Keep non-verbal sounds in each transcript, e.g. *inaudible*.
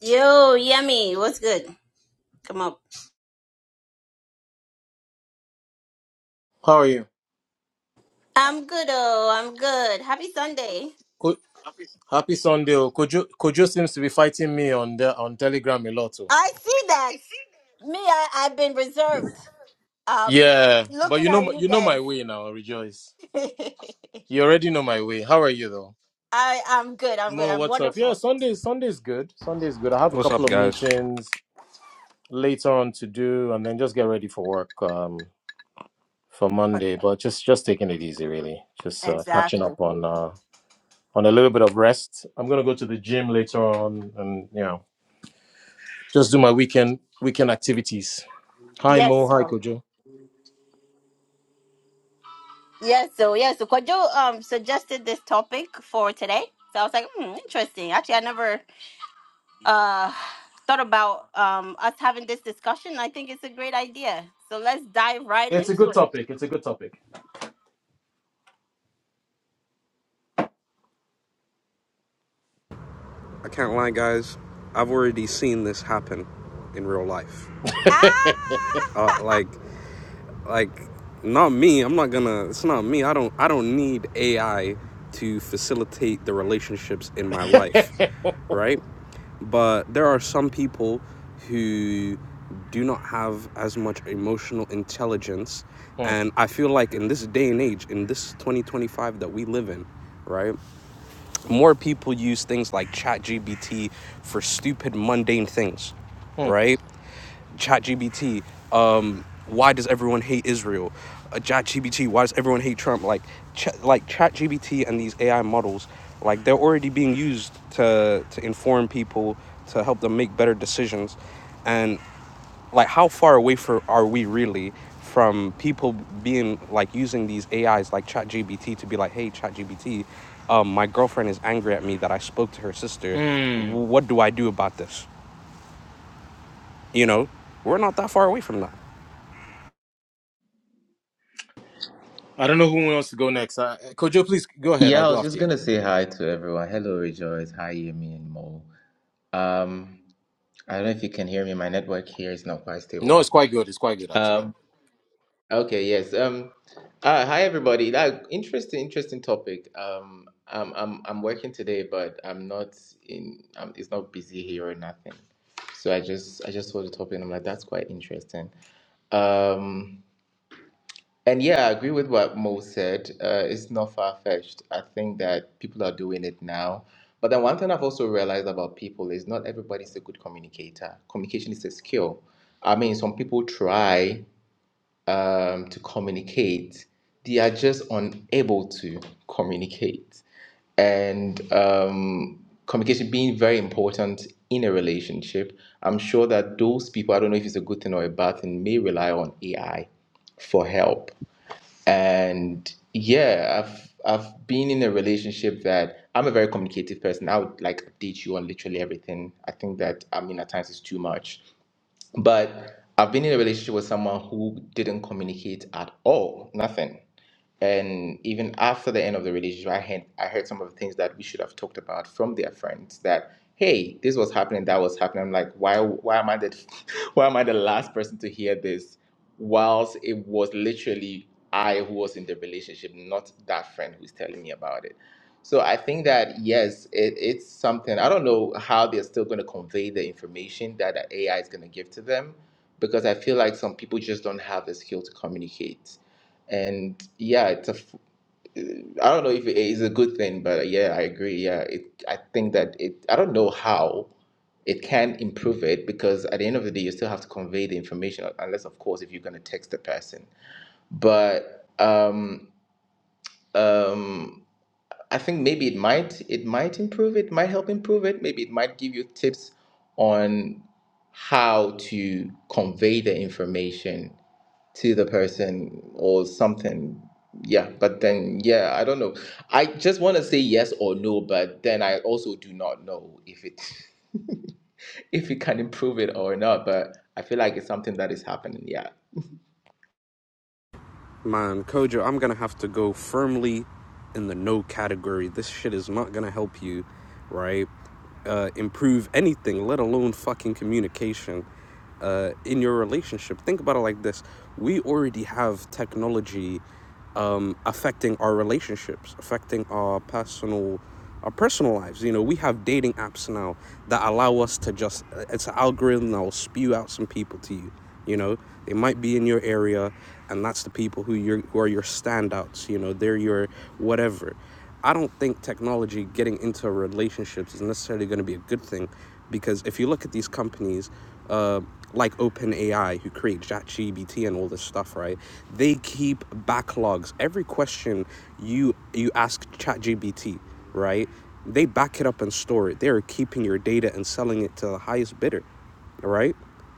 Yo, yummy. What's good? Come up. How are you? I'm good. Oh, I'm good. Happy Sunday. Co- Happy Sunday. oh. Kojo Kojo seems to be fighting me on the on Telegram a lot. Oh. I see that. Me, I, I've been reserved. Um, Yeah, but looking you know at my- you you know my guys. way now. Rejoice. You already know my way. How are you though? *laughs* I, I'm good. I'm good. Mo, I'm what's up? Yeah, wonderful. Sunday Sunday's good. Sunday's good. I have a What's couple up, of guys? meetings later on to do, and then just get ready for work um for But- Monday. But just just taking it easy, really. Just uh, catching Exactly. up on uh on a little bit of rest. I'm gonna go to the gym later on, and you know just do my weekend weekend activities. Hi, Yes. Mo. Hi, So. Kojo. Yes. So. Yes. So Kwajo um suggested this topic for today. So I was like, hmm, interesting. Actually, I never uh thought about um us having this discussion. I think it's a great idea. So let's dive right It's a into good it. topic. It's a good topic. I can't lie, guys. I've already seen this happen in real life. Ah! *laughs* Uh, *laughs* like, like, not me. I'm not gonna. It's not me. I don't. I don't need AI to facilitate the relationships in my life, right? But there are some people who do not have as much emotional intelligence, Mm, and I feel like in this day and age, in this 2025 that we live in, right? more people use things like ChatGPT for stupid mundane things, mm, right? ChatGPT, um, why does everyone hate Israel? Uh, ChatGPT, why does everyone hate Trump? Like, ch- like ChatGPT and these AI models, like they're already being used to to inform people to help them make better decisions, and like how far away for are we really from people being like using these AIs like ChatGPT to be like, hey, ChatGPT, um, my girlfriend is angry at me that I spoke to her sister. mm. What do I do about this? You know, we're not that far away from that. I don't know who wants to go next. Uh, Kojo, please go ahead. I'll Yeah, I go was after just you. gonna say hi to everyone. Hello, Rejoice. Hi, Yemi and Mo. Um, I don't know if you can hear me. My network here is not quite No, stable. it's quite good. It's quite good, actually. Um, okay, yes. Um, uh, hi everybody. That interesting, interesting topic. Um, I'm I'm I'm working today, but I'm not in. Um, it's not busy here or nothing. So I just I just saw the topic and I'm like, that's quite interesting. Um, And yeah, I agree with what Mo said. Uh, it's not far-fetched. I think that people are doing it now. But then one thing I've also realized about people is not everybody's a good communicator. Communication is a skill. I mean, some people try um, to communicate, they are just unable to communicate. And um, communication being very important in a relationship, I'm sure that those people, I don't know if it's a good thing or a bad thing, may rely on AI for help and yeah i've i've been in a relationship that i'm a very communicative person i would like update you on literally everything i think that i mean at times it's too much but I've been in a relationship with someone who didn't communicate at all, nothing. And even after the end of the relationship, I had I heard some of the things that we should have talked about from their friends that, hey, this was happening, that was happening. I'm like, why why am I the *laughs* why am I the last person to hear this? Whilst it was literally I who was in the relationship, not that friend who's telling me about it. So I think that yes, it, it's something. I don't know how they're still going to convey the information that the AI is going to give to them, because I feel like some people just don't have the skill to communicate. And yeah, it's a. f- I don't know if it is a good thing, but uh, yeah, I agree. Yeah, it. I think that it. I don't know how it can improve it because at the end of the day, you still have to convey the information, unless of course if you're going to text the person. But um um I think maybe it might it might improve it might help improve it maybe it might give you tips on how to convey the information to the person or something yeah but then yeah I don't know I just want to say yes or no but then I also do not know if it *laughs* if it can improve it or not but I feel like it's something that is happening yeah Man, Kojo, I'm gonna have to go firmly in the no category. This shit is not gonna help you, right? Uh, improve anything, let alone fucking communication uh, in your relationship. Think about it like this: we already have technology um, affecting our relationships, affecting our personal our personal lives. You know, we have dating apps now that allow us to just it's an algorithm that will spew out some people to you. You know, they might be in your area, and that's the people who you who are your standouts. You know, they're your whatever. I don't think technology getting into relationships is necessarily going to be a good thing because if you look at these companies uh, like OpenAI, who create ChatGPT and all this stuff, right? They keep backlogs. Every question you you ask ChatGPT, right? They back it up and store it. They are keeping your data and selling it to the highest bidder, right?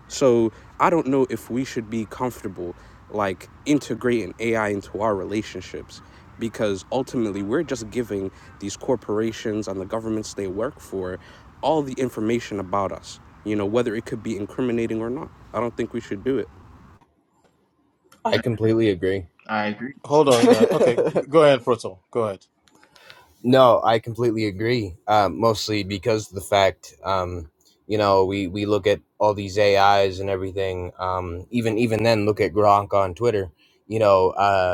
So I don't know if we should be comfortable like integrating AI into our relationships because ultimately we're just giving these corporations and the governments they work for all the information about us, you know, whether it could be incriminating or not. I don't think we should do it. I completely agree. I agree. Hold on. Uh, okay, g- go ahead, Proto. Go ahead. No, I completely agree. Uh, mostly because of the fact, um, you know, we, we look at all these AIs and everything. Um, even even then, look at Gronk on Twitter. You know, uh,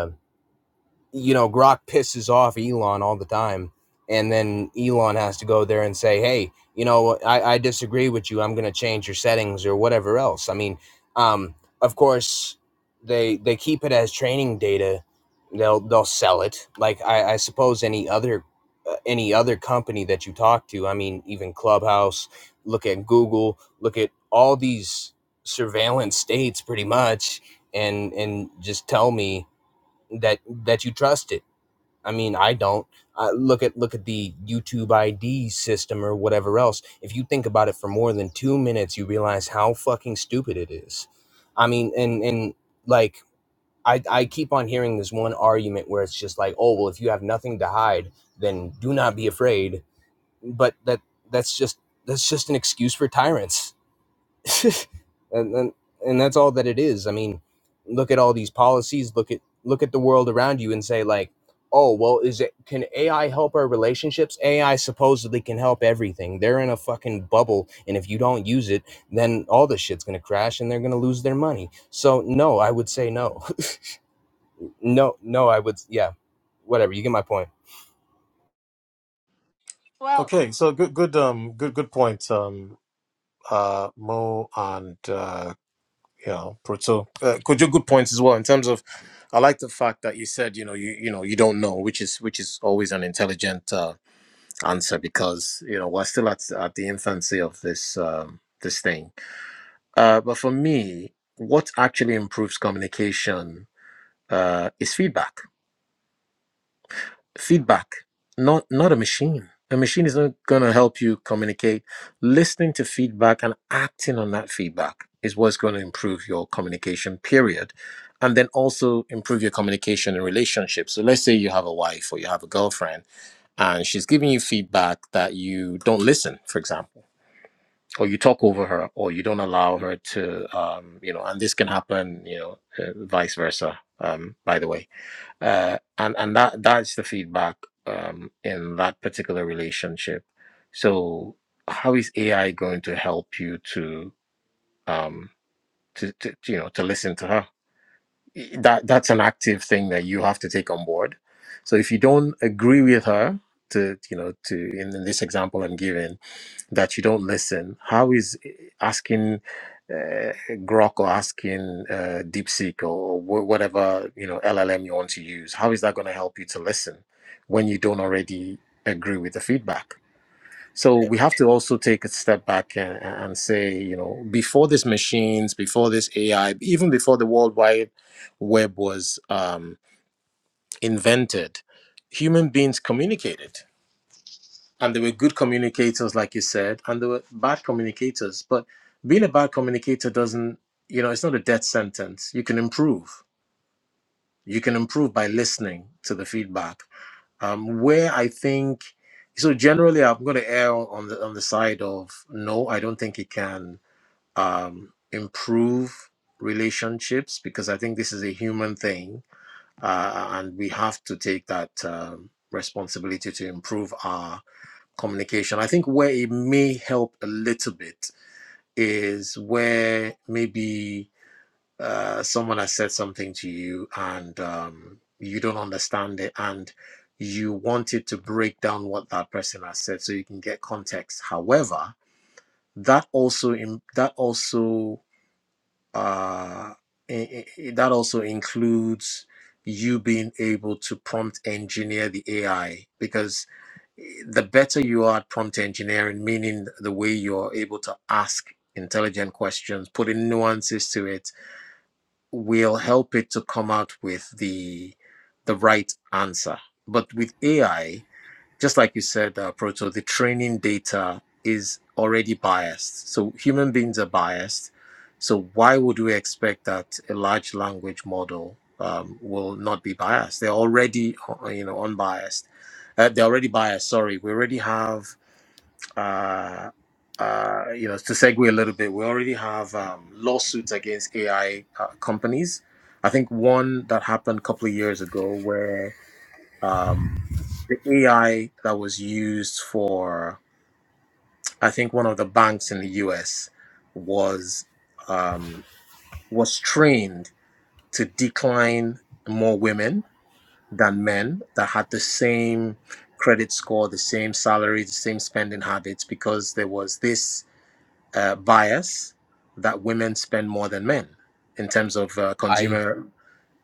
you know, Grok pisses off Elon all the time. And then Elon has to go there and say, hey, you know, I, I disagree with you. I'm going to change your settings or whatever else. I mean, um, of course, they they keep it as training data. They'll they'll sell it like I, I suppose any other uh, any other company that you talk to. I mean, even Clubhouse. Look at Google. Look at all these surveillance states, pretty much, and and just tell me that that you trusted. I mean, I don't. I look at look at the YouTube ID system or whatever else. If you think about it for more than two minutes, you realize how fucking stupid it is. I mean, and and like I I keep on hearing this one argument where it's just like, oh well, if you have nothing to hide, then do not be afraid. But that that's just that's just an excuse for tyrants *laughs* and, and and that's all that it is. I mean, look at all these policies. Look at look at the world around you and say like, oh well, is it can AI help our relationships? AI supposedly can help everything. They're in a fucking bubble, and if you don't use it, then all this shit's gonna crash, and they're gonna lose their money. So no, I would say no, *laughs* no, no. I would yeah, whatever. You get my point. well, Okay, so good, good, um, good, good point, um, uh, Mo and uh, you know, Proto. Uh, could you good points as well in terms of? I like the fact that you said you know you you know you don't know, which is which is always an intelligent. uh, answer because you know we're still at, at the infancy of this um, this thing. Uh, but for me, what actually improves communication uh, is feedback. Feedback, not not a machine. A machine is not going to help you communicate. Listening to feedback and acting on that feedback is what's going to improve your communication. Period. And then also improve your communication in relationships. So let's say you have a wife or you have a girlfriend, and she's giving you feedback that you don't listen, for example or you talk over her or you don't allow her to um you know and this can happen you know uh, vice versa um by the way uh and and that that's the feedback um in that particular relationship so how is ai going to help you to um to, to you know to listen to her that that's an active thing that you have to take on board so if you don't agree with her to you know to in this example i'm giving that you don't listen? How is eh, asking uh, Grok or asking uh, DeepSeek or wh- whatever you know LLM you want to use? How is that going to help you to listen when you don't already agree with the feedback? So we have to also take a step back and, and say, you know, before these machines, before this AI, even before the World Wide Web was um, invented, human beings communicated and they were good communicators, like you said, and they were bad communicators. But being a bad communicator doesn't, you know, it's not a death sentence. You can improve. You can improve by listening to the feedback. Um, where I think, so generally, I'm going to err on the on the side of no. I don't think it can um, improve relationships because I think this is a human thing, uh, and we have to take that um, responsibility to improve our communication. I think where it may help a little bit is where maybe uh, someone has said something to you and um, you don't understand it and you wanted to break down what that person has said so you can get context. However, that also in, that also uh, i- i- that also includes you being able to prompt engineer the AI because the better you are at prompt engineering, meaning the way you're able to ask intelligent questions, putting nuances to it, will help it to come out with the the right answer. But with AI, just like you said, uh, Proto, the training data is already biased. So human beings are biased. So why would we expect that a large language model um, will not be biased? They're already, uh, you know, unbiased. Uh, they're already biased. Sorry, we already have, uh, uh, you know, to segue a little bit, we already have um, lawsuits against AI uh, companies. I think one that happened a couple of years ago where um, the AI that was used for, I think, one of the banks in the US was um, was trained to decline more women than men that had the same credit score, the same salary, the same spending habits, because there was this uh, bias that women spend more than men in terms of uh, I consumer.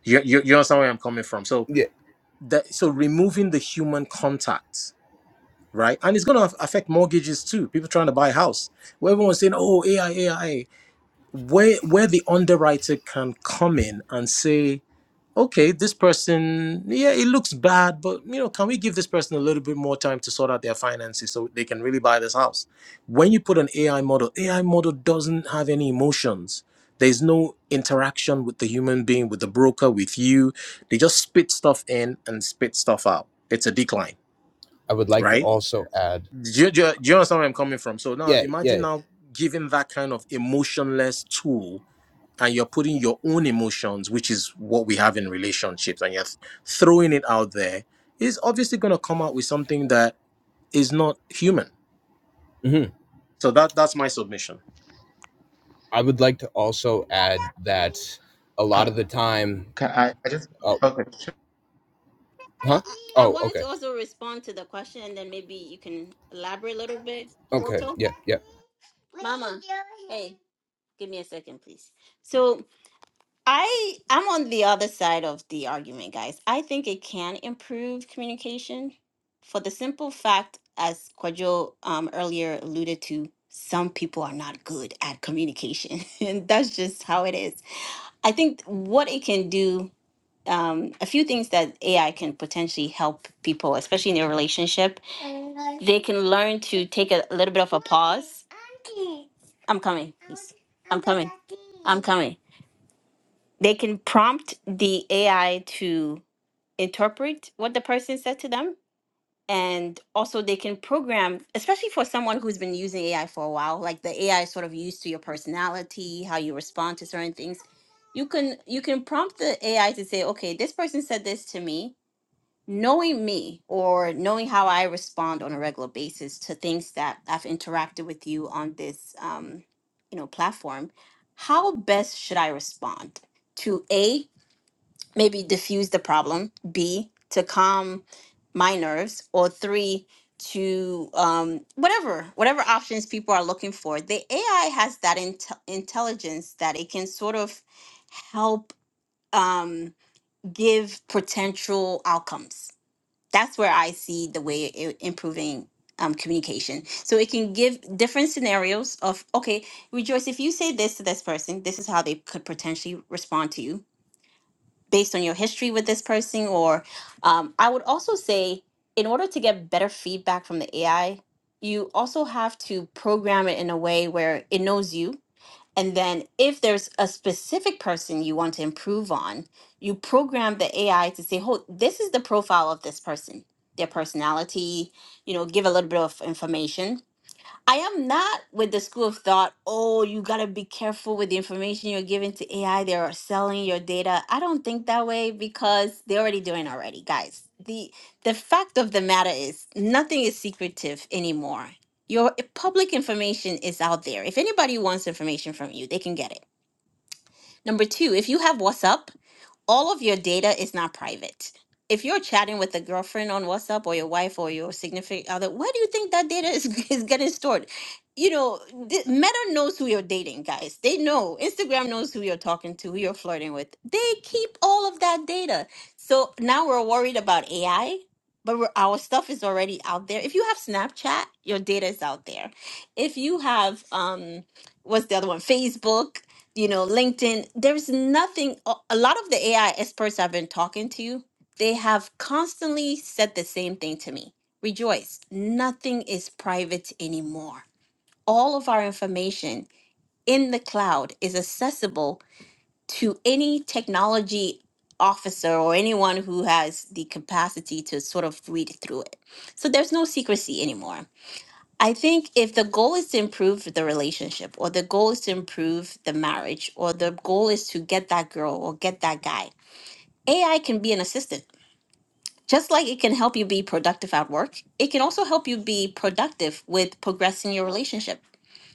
You, you, you understand where I'm coming from. So, yeah, that, so removing the human contact right? And it's going to affect mortgages too. People trying to buy a house, where everyone's saying, "Oh, AI, AI," where where the underwriter can come in and say, "Okay, this person, yeah, it looks bad, but you know, can we give this person a little bit more time to sort out their finances so they can really buy this house?" When you put an AI model, AI model doesn't have any emotions. There's no interaction with the human being, with the broker, with you. They just spit stuff in and spit stuff out. It's a decline, I would like to right? also add Do you, do, you, do you understand where I'm coming from? So now yeah, imagine yeah. now giving that kind of emotionless tool and you're putting your own emotions, which is what we have in relationships, and you're th- throwing it out there, is obviously going to come out with something that is not human. mhm. So that that's my submission. I would like to also add that a lot uh, of the time, Can I, I just oh, okay. no, huh? I, I Oh, wanted okay. to also respond to the question, and then maybe you can elaborate a little bit. Okay. Porto, Yeah. Yeah. Mama, hey, give me a second, please. So I I'm on the other side of the argument, guys. I think it can improve communication for the simple fact, as Kwajo um, earlier alluded to, some people are not good at communication, *laughs* and that's just how it is. I think what it can do um, a few things that AI can potentially help people, especially in their relationship. They can learn to take a little bit of a pause. I'm coming. please. I'm coming. I'm coming. They can prompt the AI to interpret what the person said to them. And also, they can program, especially for someone who's been using AI for a while. Like the AI is sort of used to your personality, how you respond to certain things. You can you can prompt the AI to say, okay, this person said this to me knowing me or knowing how I respond on a regular basis to things that I've interacted with you on this um, you know platform, how best should I respond to a maybe diffuse the problem, b to calm my nerves, or three to um, whatever whatever options people are looking for. The AI has that intel intelligence that it can sort of help um, give potential outcomes that's where I see the way it improving um, communication. So it can give different scenarios of, okay, Rejoice, if you say this to this person, this is how they could potentially respond to you based on your history with this person. Or um, I would also say, in order to get better feedback from the AI, you also have to program it in a way where it knows you and then, if there's a specific person you want to improve on, you program the AI to say, "Oh, this is the profile of this person, their personality." You know, give a little bit of information, I am not with the school of thought, oh, you got to be careful with the information you're giving to AI. They're selling your data. I don't think that way because they're already doing already, guys. The the fact of the matter is nothing is secretive anymore. Your public information is out there. If anybody wants information from you, they can get it. Number 2, if you have WhatsApp all of your data is not private. If you're chatting with a girlfriend on WhatsApp or your wife or your significant other, where do you think that data is, *laughs* is getting stored? You know, th- Meta knows who you're dating, guys. They know. Instagram knows who you're talking to, who you're flirting with. They keep all of that data. So now we're worried about AI, but we're, our stuff is already out there. If you have Snapchat, your data is out there. If you have, um, what's the other one? Facebook, you know, LinkedIn, there's nothing, a a lot of the AI experts I've been talking to, they have constantly said the same thing to me. Rejoice, nothing is private anymore. All of our information in the cloud is accessible to any technology officer or anyone who has the capacity to sort of read through it. So there's no secrecy anymore. I think if the goal is to improve the relationship or the goal is to improve the marriage or the goal is to get that girl or get that guy, AI can be an assistant. Just like it can help you be productive at work, it can also help you be productive with progressing your relationship.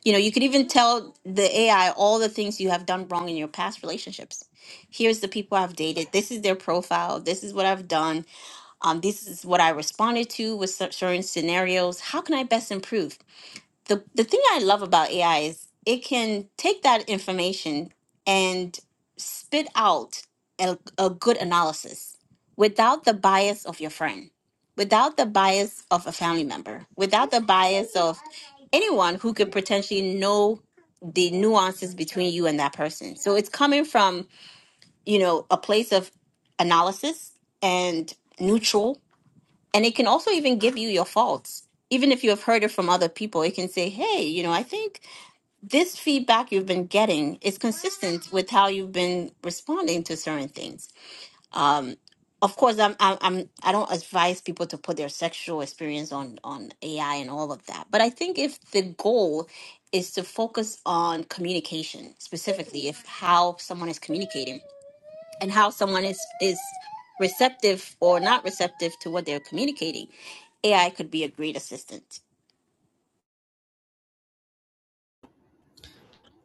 You know, you could even tell the AI all the things you have done wrong in your past relationships. Here's the people I've dated. This is their profile. This is what I've done. Um, this is what I responded to with cer- certain scenarios. How can I best improve? the the thing I love about AI is it can take that information and spit out a, a good analysis without the bias of your friend, without the bias of a family member, without the bias of anyone who could potentially know the nuances between you and that person. So it's coming from, you know, a place of analysis and neutral and it can also even give you your faults. Even if you have heard it from other people, it can say, hey, you know, I think this feedback you've been getting is consistent with how you've been responding to certain things. Um, of course, I'm, I'm, I'm, I don't advise people to put their sexual experience on, on AI and all of that. But I think if the goal is to focus on communication, specifically if how someone is communicating, and how someone is is receptive or not receptive to what they're communicating ai could be a great assistant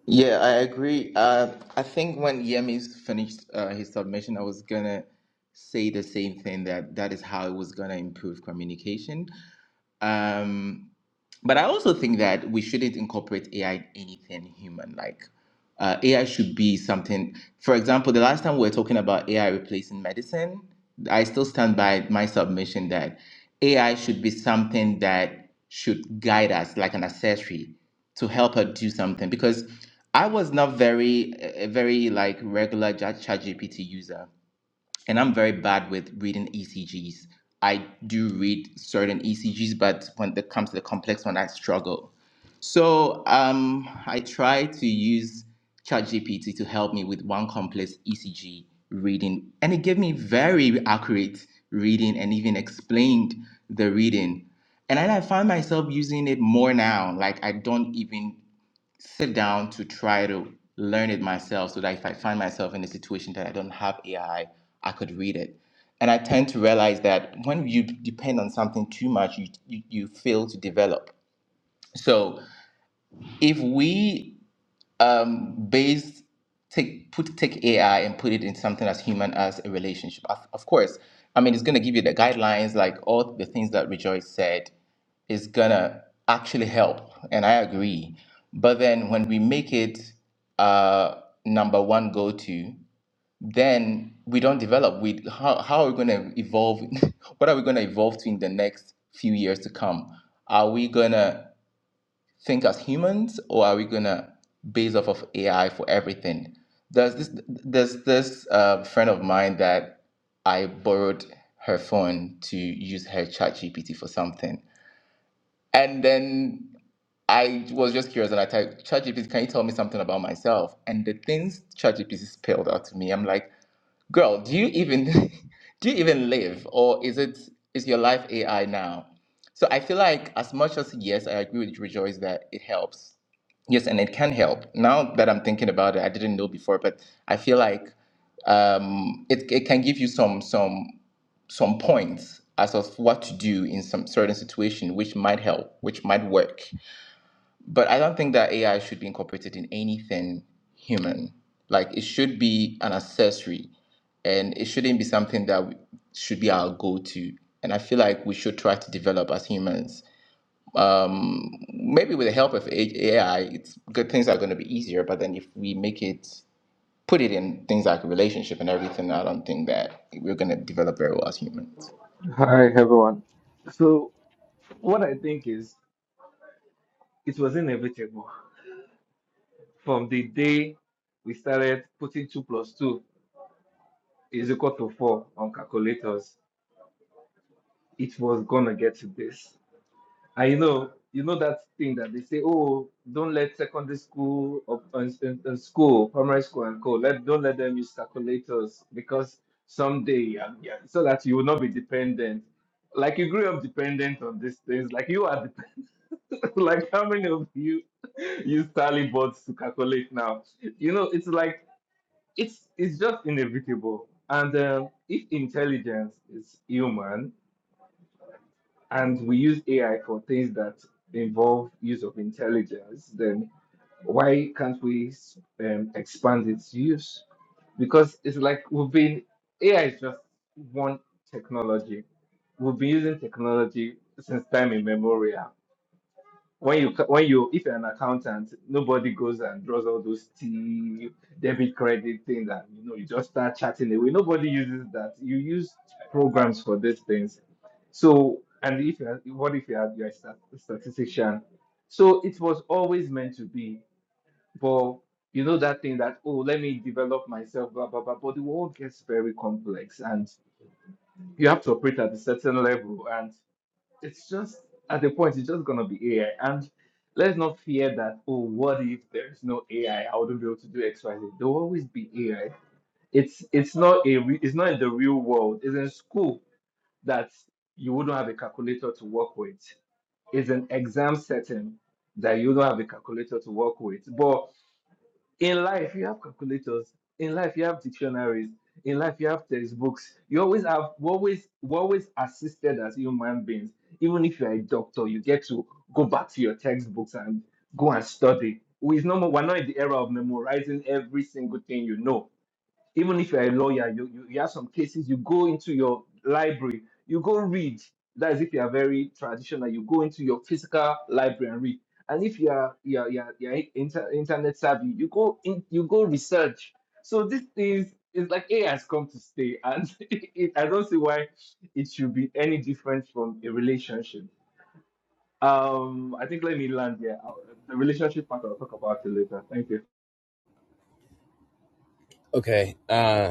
Yeah, I agree. Uh, I think when Yemi's finished uh, his submission, I was gonna say the same thing that that is how it was gonna improve communication. Um, but I also think that we shouldn't incorporate AI in anything human. Like uh, AI should be something. For example, the last time we were talking about AI replacing medicine, I still stand by my submission that AI should be something that should guide us, like an accessory, to help her do something. Because I was not very, a a very like regular Chat GPT user and I'm very bad with reading ECGs. I do read certain ECGs, but when it comes to the complex one, I struggle. So um, I try to use ChatGPT to help me with one complex ECG reading, and it gave me very accurate reading and even explained the reading. And then I find myself using it more now. Like I don't even sit down to try to learn it myself so that if I find myself in a situation that I don't have AI, I I could read it. And I tend to realize that when you depend on something too much, you, you, you fail to develop. So if we um, based take put take AI and put it in something as human as a relationship. Of, of course, I mean it's gonna give you the guidelines, like all the things that Rejoice said is gonna actually help, and I agree. But then when we make it uh, number one go to, then we don't develop. We how how are we gonna evolve? *laughs* what are we gonna evolve to in the next few years to come? Are we gonna think as humans or are we gonna base off of AI for everything? There's this there's this uh, friend of mine that I borrowed her phone to use her chat GPT for something. And then I was just curious and I typed, ChatGPT, can you tell me something about myself? And the things ChatGPT spelled out to me, I'm like, girl, do you even *laughs* do you even live? Or is it is your life AI now? So I feel like as much as yes, I agree with Rejoice that it helps Yes, and it can help. Now that I'm thinking about it, I didn't know before, but I feel like um, it, it can give you some some some points as of what to do in some certain situation, which might help, which might work. But I don't think that AI should be incorporated in anything human. Like it should be an accessory, and it shouldn't be something that should be our go-to. And I feel like we should try to develop as humans maybe with the help of AI, it's good things are going to be easier. But then if we make it, put it in things like a relationship and everything, I don't think that we're going to develop very well as humans. Hi everyone. So what I think is it was inevitable. From the day we started putting two plus two is equal to four on calculators, it was gonna get to this. I know, you know that thing that they say, oh, don't let secondary school or and, and- and school, primary school and co, let don't let them use calculators because someday, um, yeah, so that you will not be dependent. Like you grew up dependent on these things, like you are dependent. *laughs* like how many of you *laughs* use tally boards to calculate now? You know, it's like it's it's just inevitable. And um, if intelligence is human, and we use AI for things that involve use of intelligence, then why can't we um, expand its use? Because it's like we've been, AI is just one technology. We've been using technology since time immemorial when you when you if you're an accountant, nobody goes and draws all those T debit credit things that you know you just start chatting away. Nobody uses that. You use programs for these things. So and if you're what if you are you're a stat- statistician? So it was always meant to be, but you know that thing that oh let me develop myself blah blah blah. But the world gets very complex and you have to operate at a certain level it's just at a point it's just gonna be AI. And let's not fear that, oh, what if there's no AI? I I wouldn't be able to do X, Y, Z. There'll always be AI. It's it's not a re- it's not in the real world. It's in school that you wouldn't have a calculator to work with. It's an exam setting that you don't have a calculator to work with. But. In life, you have calculators. In life, you have dictionaries. In life, you have textbooks. You always have, we always, we always assisted as human beings. Even if you're a doctor, you get to go back to your textbooks and go and study. We is no more, we're not in the era of memorizing every single thing you know even if you're a lawyer, you, you, you have some cases, you go into your library, you go read. That is if you are very traditional, you go into your physical library and read. And if you are you are, you are, you are inter, internet savvy, you go in, you go research. So this is it's like AI has come to stay, and *laughs* it, I don't see why it should be any different from a relationship. Um, I think let me land here. I'll- The relationship part I'll talk about it later. Thank you. Okay. Uh,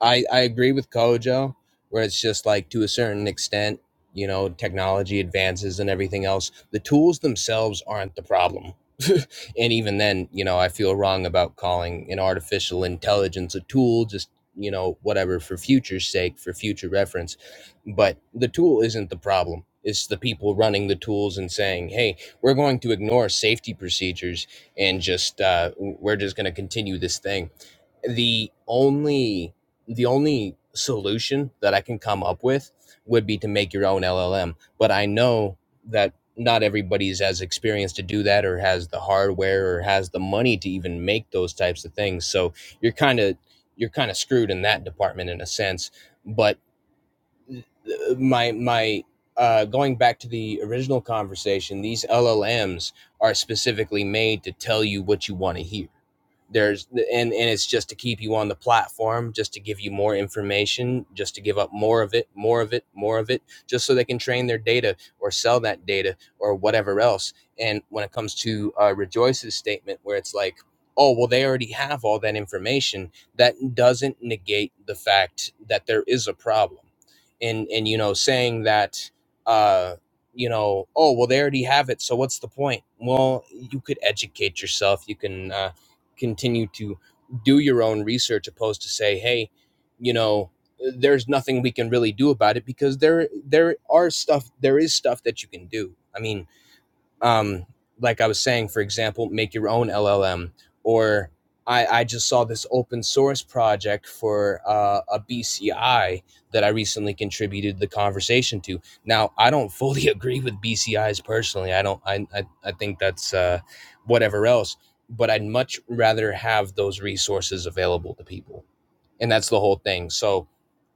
I I agree with Kojo, where it's just like to a certain extent, you know, technology advances and everything else. The tools themselves aren't the problem. *laughs* and even then, you know, I feel wrong about calling an artificial intelligence a tool, just, you know, whatever, for future's sake, for future reference. But the tool isn't the problem. It's the people running the tools and saying, hey, we're going to ignore safety procedures and just, uh, we're just going to continue this thing. The only the only solution that I can come up with would be to make your own LLM. But I know that not everybody's as experienced to do that or has the hardware or has the money to even make those types of things. So you're kind of you're kind of screwed in that department in a sense. But uh, my my uh, going back to the original conversation, these LLMs are specifically made to tell you what you want to hear there's and and it's just to keep you on the platform just to give you more information just to give up more of it more of it more of it just so they can train their data or sell that data or whatever else and when it comes to uh, rejoice's statement where it's like oh well they already have all that information that doesn't negate the fact that there is a problem and and you know saying that uh you know oh well they already have it so what's the point well you could educate yourself you can uh continue to do your own research opposed to say hey you know there's nothing we can really do about it because there there are stuff there is stuff that you can do i mean um, like I was saying, for example, make your own LLM. Or I, I just saw this open source project for uh, a BCI that I recently contributed the conversation to. Now, I don't *laughs* fully agree with BCIs personally. I don't. I I, I think that's uh, whatever else. But I'd much rather have those resources available to people and that's the whole thing so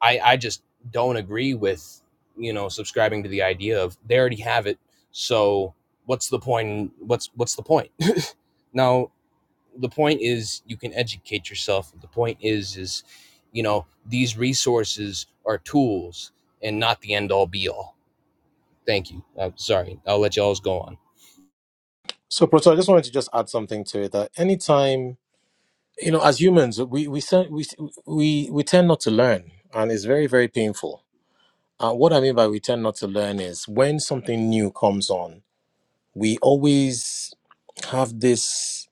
i i just don't agree with you know subscribing to the idea of they already have it so what's the point what's what's the point *laughs* now the point is you can educate yourself the point is is you know these resources are tools and not the end all be all thank you i'm sorry i'll let y'all go on So, Proto, I just wanted to just add something to it that anytime, you know, as humans, we we sen- we we we tend not to learn, and it's very very painful. Uh, what I mean by we tend not to learn is when something new comes on, we always have this.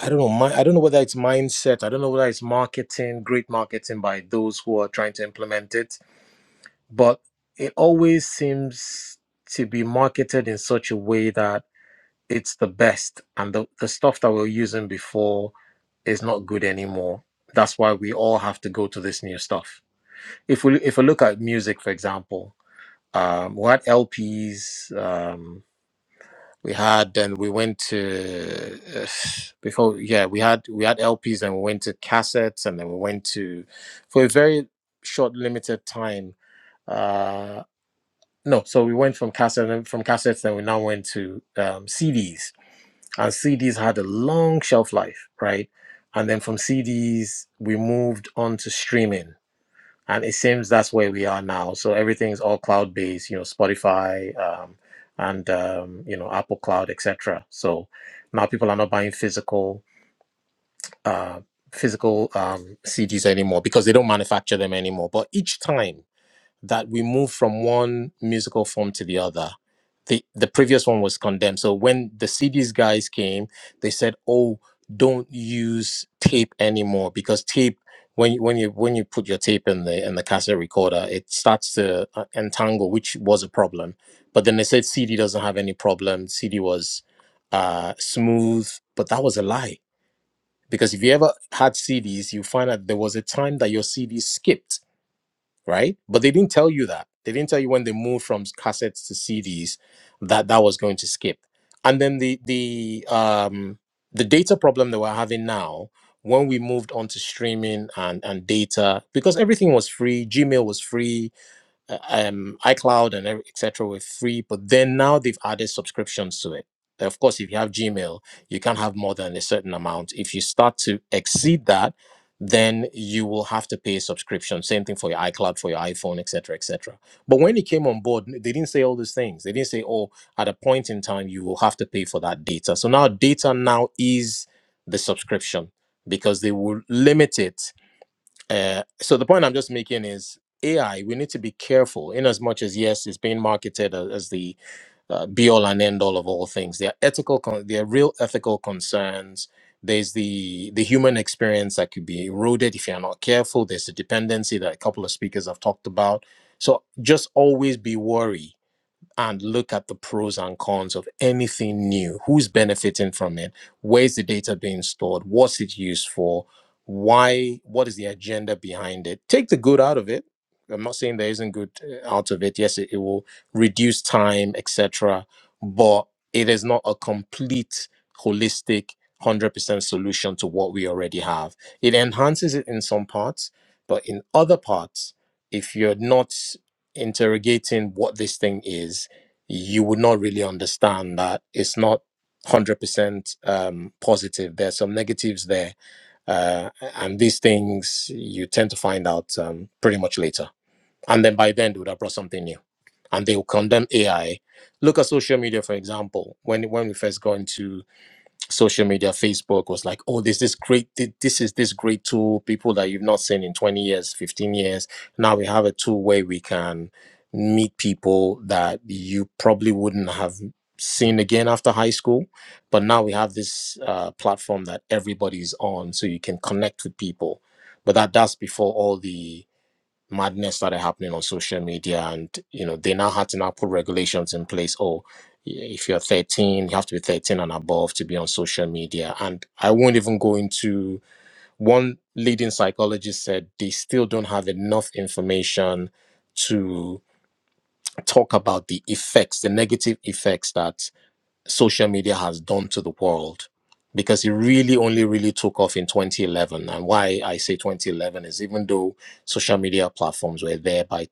I don't know. mi- I don't know whether it's mindset. I don't know whether it's marketing, great marketing by those who are trying to implement it. But it always seems to be marketed in such a way that it's the best, and the, the stuff that we we're using before is not good anymore. That's why we all have to go to this new stuff. If we if we look at music, for example, um, we had LPs. Um, we had and we went to *sighs* uh, before. Yeah, we had we had LPs and we went to cassettes and then we went to for a very short limited time. Uh, no, so we went from cassette and from cassettes, then we now went to um, CDs, and CDs had a long shelf life, right? And then from CDs we moved on to streaming and it seems that's where we are now. So everything's all cloud based, you know, Spotify um, and um, you know Apple Cloud, etc. So now people are not buying physical uh, physical um, CDs anymore because they don't manufacture them anymore. But each time that we move from one musical form to the other. The the previous one was condemned. So when the CDs guys came, they said, "Oh, don't use tape anymore because tape." When you, when you when you put your tape in the in the cassette recorder, it starts to uh, entangle, which was a problem. But then they said CD doesn't have any problem. CD was uh, smooth, but that was a lie because if you ever had CDs, you find out there was a time that your CD skipped right? But they didn't tell you that. They didn't tell you when they moved from cassettes to CDs that that was going to skip. And then the the um the data problem that we're having now when we moved on to streaming and and data because everything was free, Gmail was free, uh, um, iCloud and every- et cetera were free, but then now they've added subscriptions to it. Of course, if you have Gmail, you can't have more than a certain amount. If you start to exceed that, then you will have to pay a subscription. Same thing for your iCloud, for your iPhone, et cetera, et cetera. But when it came on board, they didn't say all these things. They didn't say, oh, at a point in time, you will have to pay for that data. So now data now is the subscription because they will limit it uh, so the point I'm just making is AI. We need to be careful, in as much as yes, it's being marketed a- as the uh, be all and end all of all things. There are ethical, con- there are real ethical concerns. There's the the human experience that could be eroded if you're not careful. There's the dependency that a couple of speakers have talked about. So just always be worried and look at the pros and cons of anything new. Who's benefiting from it? Where's the data being stored? What's it used for? Why? What is the agenda behind it? Take the good out of it. I'm not saying there isn't good uh, out of it. Yes, it, it will reduce time, etc. But it is not a complete, holistic, 100% solution to what we already have. It enhances it in some parts, but in other parts, if you're not interrogating what this thing is, you would not really understand that it's not 100% um, positive. There's some negatives there. Uh, and these things you tend to find out um, pretty much later. And then by then, they would have brought something new. And they will condemn AI. Look at social media, for example. When when we first got into social media facebook was like oh there's this great thi- this is this great tool people that you've not seen in 20 years 15 years now we have a tool where we can meet people that you probably wouldn't have seen again after high school but now we have this uh, platform that everybody's on so you can connect with people but that that's before all the madness started happening on social media and you know they now had to now put regulations in place oh yeah, if you're 13 you have to be 13 and above to be on social media and i won't even go into one leading psychologist said they still don't have enough information to talk about the effects the negative effects that social media has done to the world because it really only really took off in 2011 and why i say 2011 is even though social media platforms were there by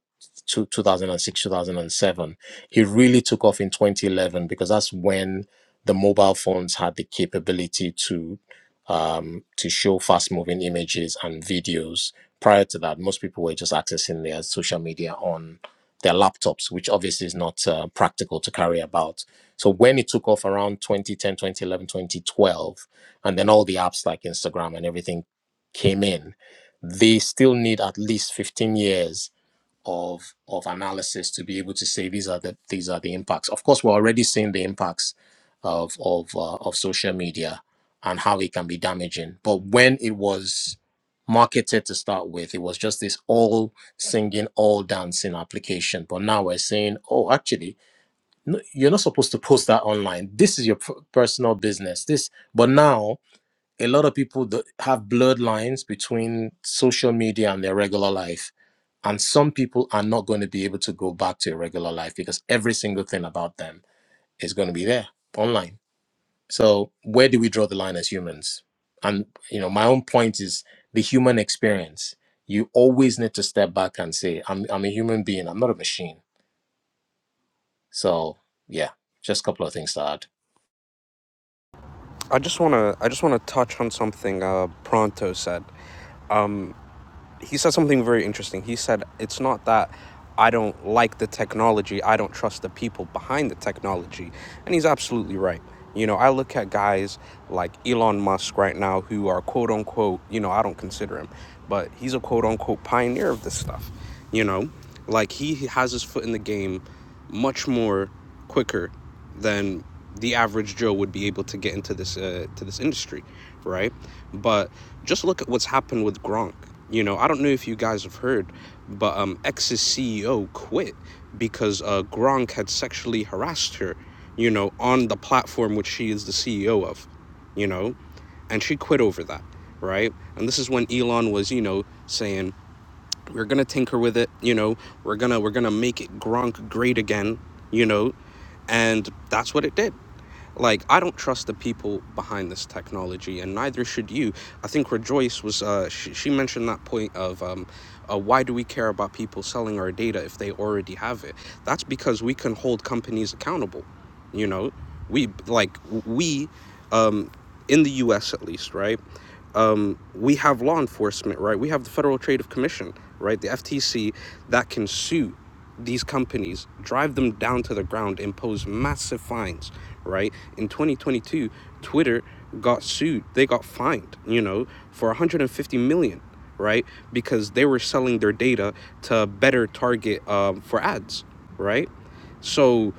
two, 2006 2007 it really took off in 2011 because that's when the mobile phones had the capability to um, to show fast moving images and videos prior to that most people were just accessing their social media on their laptops which obviously is not uh, practical to carry about so when it took off around 2010, 2011, 2012, and then all the apps like Instagram and everything came in, they still need at least 15 years of of analysis to be able to say these are the these are the impacts. Of course, we're already seeing the impacts of of uh, of social media and how it can be damaging. But when it was marketed to start with, it was just this all singing, all dancing application. But now we're saying, oh, actually no, you're not supposed to post that online. This is your p- personal business. This, but now a lot of people that have bloodlines between social media and their regular life, and some people are not going to be able to go back to a regular life because every single thing about them is going to be there online. So where do we draw the line as humans? And you know, my own point is the human experience. You always need to step back and say, "I'm I'm a human being. I'm not a machine." So yeah, just a couple of things to add. I just want to I just want to touch on something uh Pronto said. he said something very interesting. He said it's not that I don't like the technology, I don't trust the people behind the technology. And he's absolutely right. You know, I look at guys like Elon Musk right now who are quote unquote, you know, I don't consider him, but he's a quote unquote pioneer of this stuff. You know, like he has his foot in the game much more quicker then the average Joe would be able to get into this uh, to this industry, right? But just look at what's happened with Gronk. You know, I don't know if you guys have heard, but um, X's CEO quit because uh, Gronk had sexually harassed her. You know, on the platform which she is the CEO of. You know, and she quit over that, right? And this is when Elon was, you know, saying we're gonna tinker with it you know we're gonna we're gonna make it gronk great again you know and that's what it did like i don't trust the people behind this technology and neither should you i think rejoice was uh she, she mentioned that point of um uh, why do we care about people selling our data if they already have it that's because we can hold companies accountable you know we like we um in the us at least right um, we have law enforcement, right? We have the Federal Trade Commission, right? The FTC that can sue these companies, drive them down to the ground, impose massive fines, right? In 2022, Twitter got sued. They got fined, you know, for 150 million, right? Because they were selling their data to better target um, for ads, right? So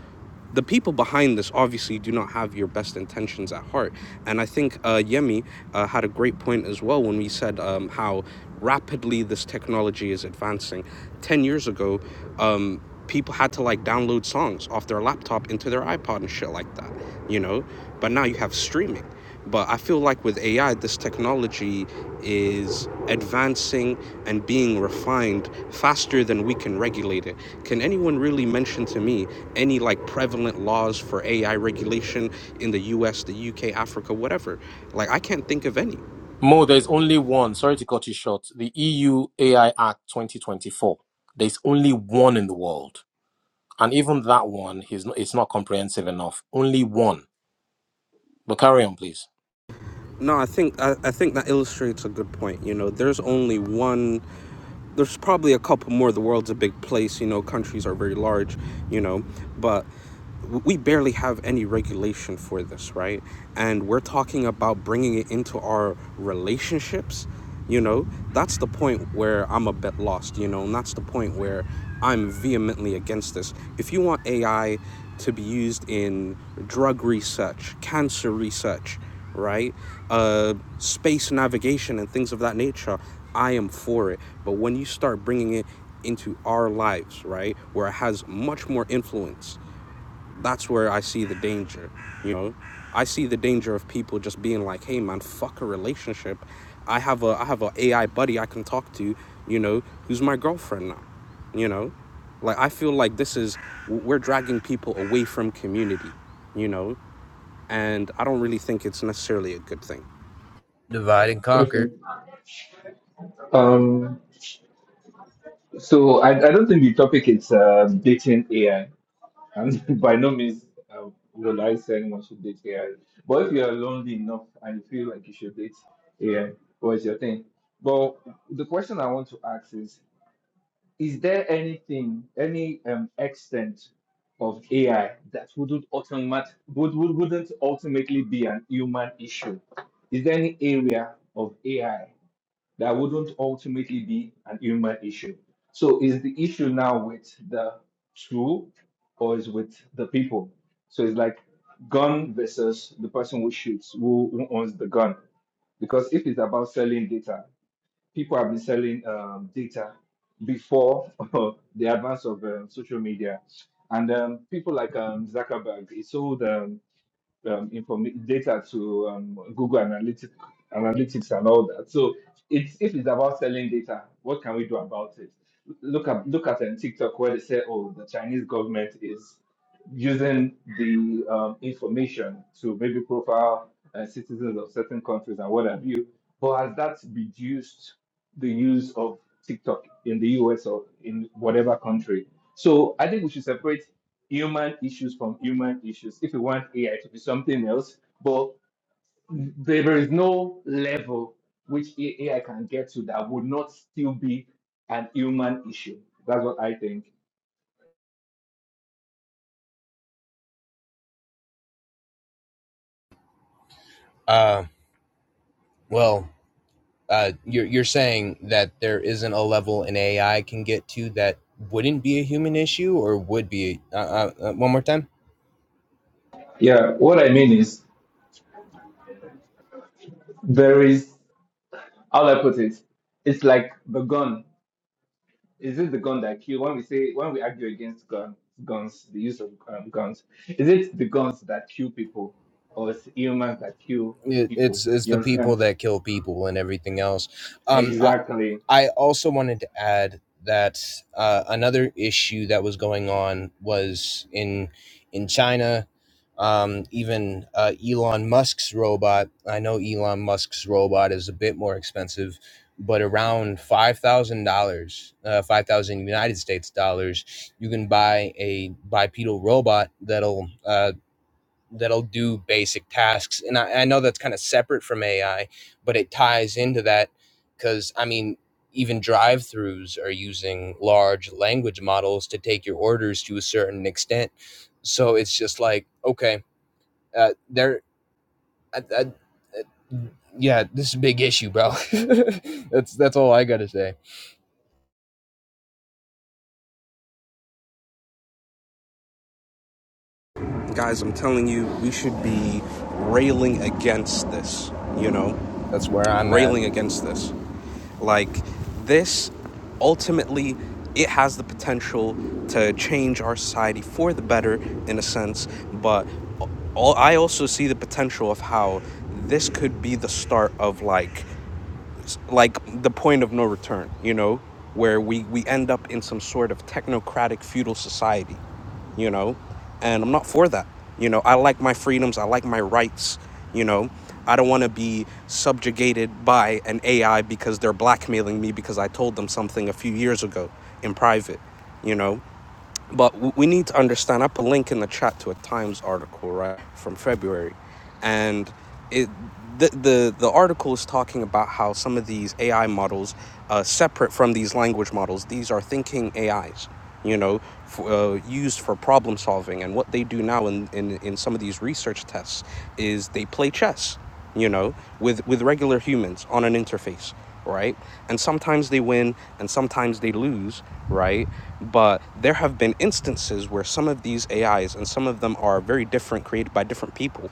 the people behind this obviously do not have your best intentions at heart. And I think uh, Yemi uh, had a great point as well when we said um, how rapidly this technology is advancing. 10 years ago, um, people had to like download songs off their laptop into their iPod and shit like that, you know? But now you have streaming. But I feel like with AI, this technology is advancing and being refined faster than we can regulate it. Can anyone really mention to me any like prevalent laws for AI regulation in the US, the UK, Africa, whatever? Like I can't think of any. Mo, there's only one. Sorry to cut you short. The EU AI Act 2024. There's only one in the world, and even that one is not, it's not comprehensive enough. Only one. But carry on, please. No, I think I, I think that illustrates a good point. You know, there's only one there's probably a couple more. The world's a big place, you know, countries are very large, you know, but we barely have any regulation for this, right? And we're talking about bringing it into our relationships, you know, that's the point where I'm a bit lost, you know, and that's the point where I'm vehemently against this. If you want AI to be used in drug research, cancer research, right? Uh, space navigation and things of that nature. I am for it. But when you start bringing it into our lives, right, where it has much more influence, that's where I see the danger. You know, I see the danger of people just being like, "Hey, man, fuck a relationship. I have a I have a AI buddy I can talk to. You know, who's my girlfriend now. You know." Like I feel like this is we're dragging people away from community, you know and I don't really think it's necessarily a good thing. divide and Okay. conquer Um. So I, I don't think the topic is uh, dating AI, and *laughs* by no means uh, will I say anyone should date AI. But if you are lonely enough and you feel like you should date AI, what's your thing? But the question I want to ask is: Is there anything, any um, extent of AI that wouldn't automat would, would wouldn't ultimately be an human issue? Is there any area of AI that wouldn't ultimately be an human issue. So is the issue now with the tool or is with the people? So it's like gun versus the person who shoots, who, who owns the gun. Because if it's about selling data, people have been selling um, data before *laughs* the advance of uh, social media. And um, people like um, Zuckerberg, he sold um, um, inform- data to um, Google Analytics, Analytics and all that. So it's, if it's about selling data, what can we do about it? Look at look at um, TikTok where they say, oh, the Chinese government is using the um, information to maybe profile uh, citizens of certain countries and what have you. But has that reduced the use of TikTok in the US or in whatever country? So I think we should separate human issues from human issues if you want AI to be something else. But there is no level which AI can get to that would not still be an human issue. That's what I think. uh well uh, you're you're saying that there isn't a level an AI can get to that wouldn't be a human issue or would be. Uh, uh, uh, one more time. Yeah, what I mean is there is how do I put it? It's like the gun. Is it the gun that kills? When we say when we argue against gun, guns, the use of um, guns, is it the guns that kill people or is it humans that kill It, people? it's it's You the people understand? that kill people and everything else. Um, I, Exactly. I also wanted to add that uh, another issue that was going on was in in China. Um, even uh, Elon Musk's robot. I know Elon Musk's robot is a bit more expensive, but around five thousand dollars, uh, five thousand United States dollars, you can buy a bipedal robot that'll uh, that'll do basic tasks. And I, I know that's kind of separate from AI, but it ties into that because I mean, even drive throughs are using large language models to take your orders to a certain extent. So it's just like, okay, uh, there, I, I, yeah, this is a big issue, bro. *laughs* that's that's all I gotta say. Guys, I'm telling you, we should be railing against this, you know, That's where I'm at. railing against this. Like, this ultimately it has the potential to change our society for the better in a sense but al- i also see the potential of how this could be the start of like it's like the point of no return, you know, where we, we end up in some sort of technocratic feudal society, you know, and I'm not for that. You know, I like my freedoms, I like my rights, you know. I don't want to be subjugated by an AI because they're blackmailing me because I told them something a few years ago in private, you know. But w- we need to understand. I put a link in the chat to a Times article right from February, and it the the, the article is talking about how some of these AI models, uh, separate from these language models, these are thinking AIs. You know, f uh, used for problem solving, and what they do now in, in in some of these research tests is they play chess you know, with, with regular humans on an interface, right? And sometimes they win and sometimes they lose, right? But there have been instances where some of these AIs, and some of them are very different, created by different people,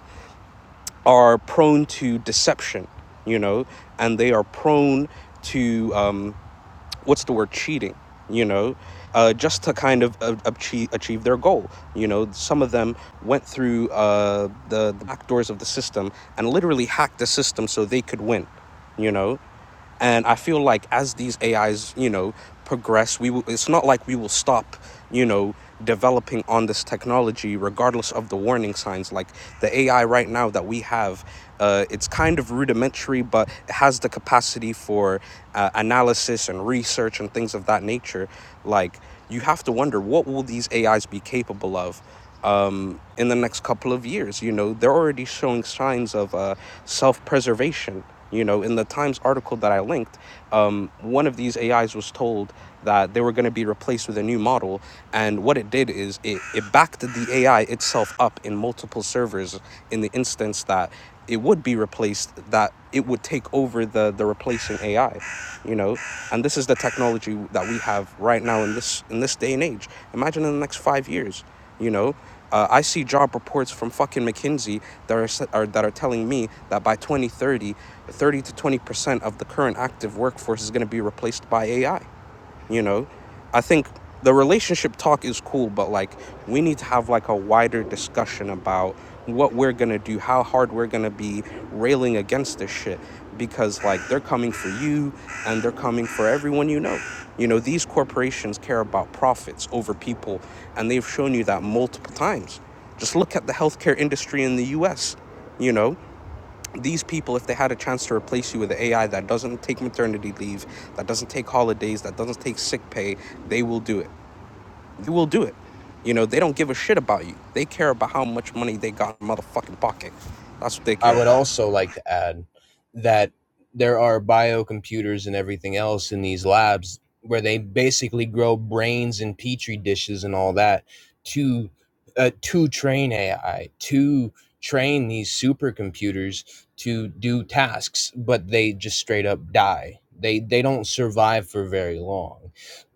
are prone to deception, you know, and they are prone to um, what's the word cheating you know uh, just to kind of uh, achieve, achieve their goal you know some of them went through uh, the, the back doors of the system and literally hacked the system so they could win you know and i feel like as these ais you know progress we will, it's not like we will stop you know, developing on this technology, regardless of the warning signs. Like the AI right now that we have, uh, it's kind of rudimentary, but it has the capacity for uh, analysis and research and things of that nature. Like you have to wonder what will these AIs be capable of um, in the next couple of years. You know, they're already showing signs of uh, self preservation. You know, in the Times article that I linked, um, one of these AIs was told that they were going to be replaced with a new model. And what it did is it, it backed the AI itself up in multiple servers in the instance that it would be replaced, that it would take over the, the replacing AI, you know? And this is the technology that we have right now in this, in this day and age. Imagine in the next five years you know, uh, I see job reports from fucking McKinsey that are, s- are that are telling me that by 2030, 30 to 20 percent of the current active workforce is going to be replaced by AI you know i think the relationship talk is cool but like we need to have like a wider discussion about what we're gonna do how hard we're gonna be railing against this shit because like they're coming for you and they're coming for everyone you know you know these corporations care about profits over people and they've shown you that multiple times just look at the healthcare industry in the us you know these people, if they had a chance to replace you with AI that doesn't take maternity leave, that doesn't take holidays, that doesn't take sick pay, they will do it. They will do it. You know, they don't give a shit about you. They care about how much money they got in their motherfucking pocket. That's what they I care would about. also like to add that there are biocomputers and everything else in these labs where they basically grow brains in petri dishes and all that to uh, to train AI to train these supercomputers to do tasks, but they just straight up die. They they don't survive for very long.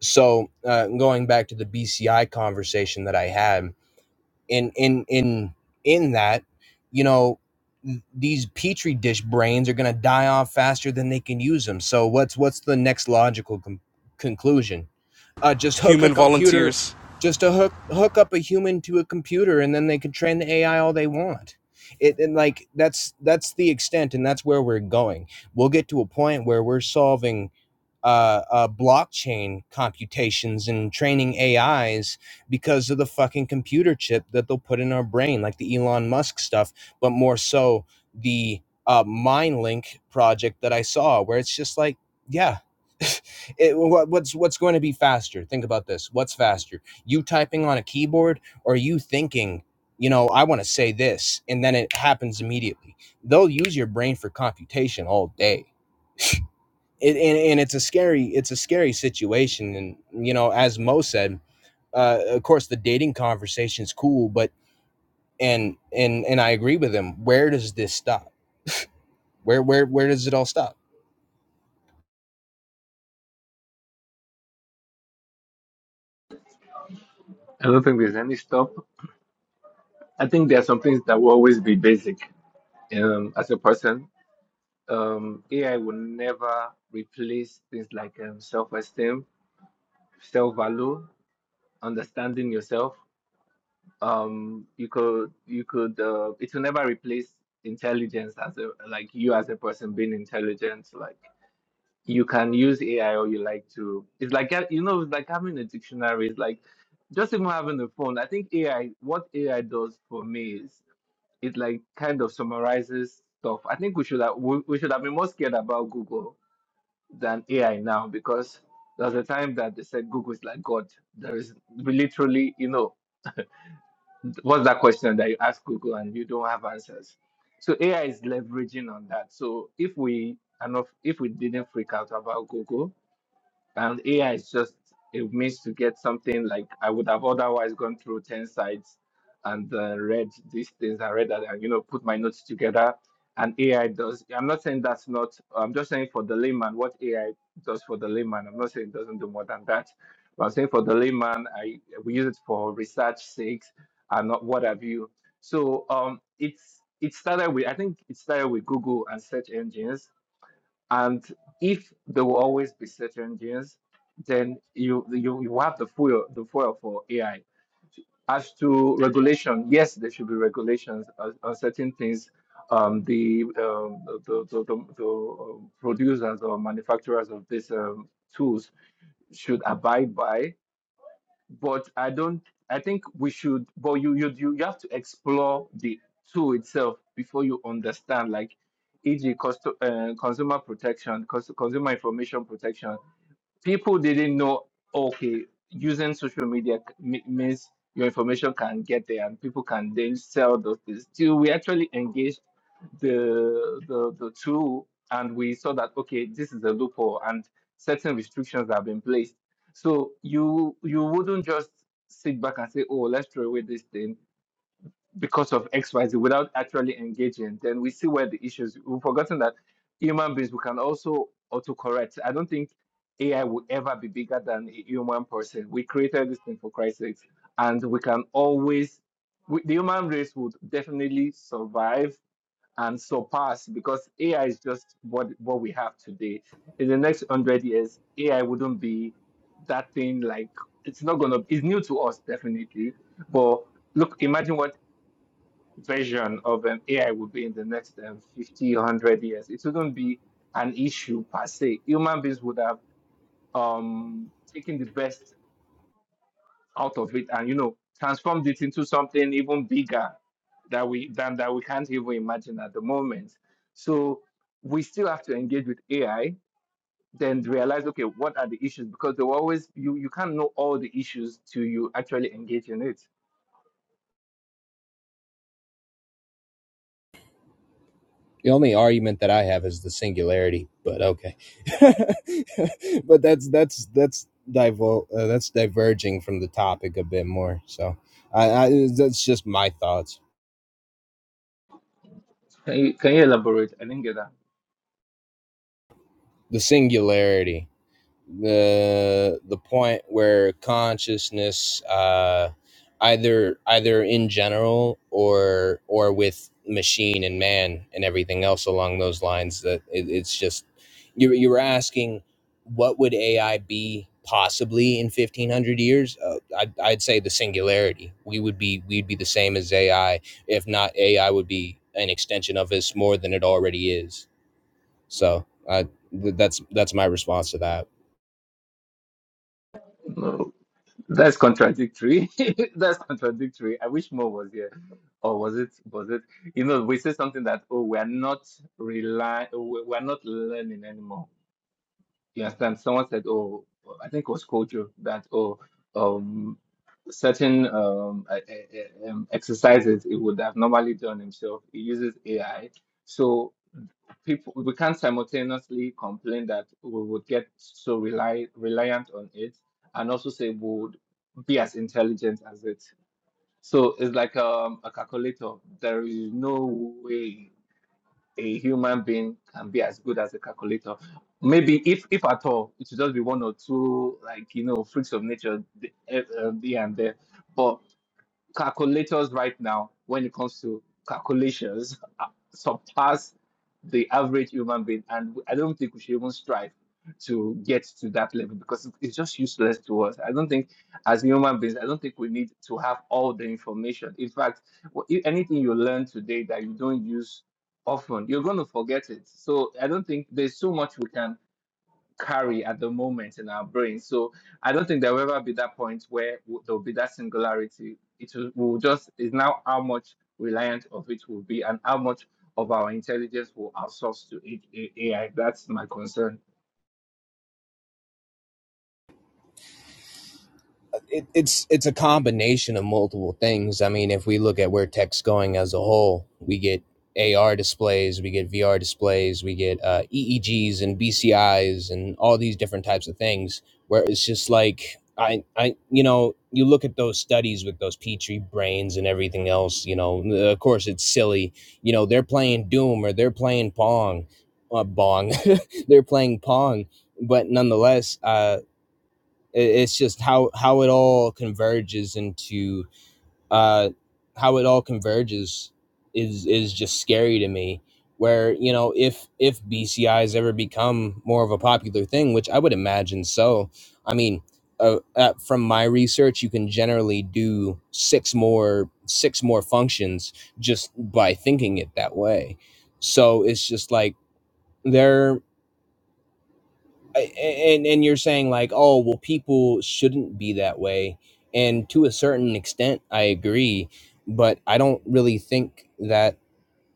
So uh, going back to the BCI conversation that I had, in in in in that you know these petri dish brains are going to die off faster than they can use them so what's what's the next logical com- conclusion uh just hook a Human computer volunteers. just to hook hook up a human to a computer and then they can train the ai all they want it and like that's that's the extent and that's where we're going we'll get to a point where we're solving uh, uh, blockchain computations and training AIs because of the fucking computer chip that they'll put in our brain, like the Elon Musk stuff, but more so the uh, MindLink project that I saw, where it's just like, yeah. *laughs* It, what, what's what's going to be faster? Think about this. What's faster? You typing on a keyboard or you thinking, you know, I want to say this and then it happens immediately. They'll use your brain for computation all day it, and, and it's a scary it's a scary situation and you know as mo said uh, of course the dating conversation is cool but and and and i agree with him where does this stop where where where does it all stop I don't think there's any stop. I think there are some things that will always be basic um, as a person. Um, AI will never replace things like um, self esteem, self value, understanding yourself. Um, you could, you could, uh, it will never replace intelligence as a, like you as a person being intelligent. Like you can use AI or you like to, it's like, ha- you know, it's like having a dictionary. It's like just even having a phone. I think AI, what AI does for me is it like kind of summarizes stuff. I think we should have we, we should have been more scared about Google than AI now because there was a time that they said Google is like God. There is literally, you know, what's that question that you ask Google and you don't have answers. So AI is leveraging on that. So if we and if we didn't freak out about Google, and AI is just a means to get something like I would have otherwise gone through 10 sites and uh, read these things and read that, and, you know, put my notes together. And AI does, I'm not saying that's not, I'm just saying for the layman, what AI does for the layman, I'm not saying it doesn't do more than that. But I'm saying for the layman, I we use it for research sakes and not what have you. So um, it's it started with I think it started with Google and search engines, and if there will always be search engines, then you you, you have the fuel the fuel for AI. As to regulation, yes, there should be regulations on, on certain things. Um, the, um, the the the, the uh, producers or manufacturers of these um, tools should abide by but I don't. I think we should, but you you you you have to explore the tool itself before you understand, like, e.g., cost, uh, consumer protection, cons- consumer information protection people didn't know okay using social media c- me- means your information can get there and people can then sell those things till we actually engaged the the, the tool and we saw that okay this is a loophole and certain restrictions have been placed so you you wouldn't just sit back and say oh let's throw away this thing because of XYZ without actually engaging, then we see where the issues. We've forgotten that human beings we can also autocorrect. I don't think AI will ever be bigger than a human person. We created this thing for Christ's sake, and we can always. We, the human race would definitely survive and surpass because AI is just what what we have today. In the next hundred years, AI wouldn't be that thing like it's not gonna. It's new to us definitely, but look, imagine what version of um, AI will be in the next um, 50, one hundred years. It wouldn't be an issue per se. Human beings would have um, taken the best out of it and, you know, transformed it into something even bigger that we than that we can't even imagine at the moment. So we still have to engage with AI, then realize, okay, what are the issues? Because there will always you you can't know all the issues till you actually engage in it. the only argument that i have is the singularity but okay *laughs* but that's that's that's divul- uh, that's diverging from the topic a bit more so I, I that's just my thoughts Can you can you elaborate? I didn't get that. the singularity the the point where consciousness uh either either in general or or with machine and man and everything else along those lines that it, it's just you you were asking what would AI be possibly in 1500 years uh, I'd, I'd say the singularity we would be we'd be the same as AI if not AI would be an extension of us more than it already is so uh, th- that's that's my response to that No, That's contradictory. *laughs* That's contradictory. I wish more was here. Or was it, was it, you know, we say something that, oh, we're not rely. we're not learning anymore. You understand? Someone said, oh, I think it was Kojo, that, oh, um, certain um, eh, eh, eh, um, exercises he would have normally done himself, he uses AI. So people we can't simultaneously complain that we would get so rely reliant on it and also say we would be as intelligent as it. So it's like um, a calculator. There is no way a human being can be as good as a calculator. Maybe if if at all, it should just be one or two like you know freaks of nature th- eh, uh, here and there. But calculators right now, when it comes to calculations, *laughs* uh, surpass the average human being, and I don't think we should even strive to get to that level because it's just useless to us. I don't think, as human beings, I don't think we need to have all the information. In fact, wh- if anything you learn today that you don't use often, you're going to forget it. So I don't think there's so much we can carry at the moment in our brain. So I don't think there will ever be that point where w- there will be that singularity. It will, will just is now how much reliant of it will be and how much of our intelligence will outsource to A- A- AI. That's my concern. it, it's it's a combination of multiple things. I mean, if we look at where tech's going as a whole, we get AR displays, we get VR displays, we get uh, EEGs and BCIs and all these different types of things. Where it's just like I I you know you look at those studies with those petri brains and everything else. You know, of course it's silly. You know, they're playing Doom or they're playing Pong, uh, Bong, *laughs* they're playing Pong. But nonetheless, uh it's just how how it all converges into uh, how it all converges is is just scary to me. Where you know if if BCIs ever become more of a popular thing, which I would imagine so. I mean, uh, uh, from my research, you can generally do six more six more functions just by thinking it that way. So it's just like there. I- a- and and you're saying like oh well people shouldn't be that way and to a certain extent i agree but i don't really think that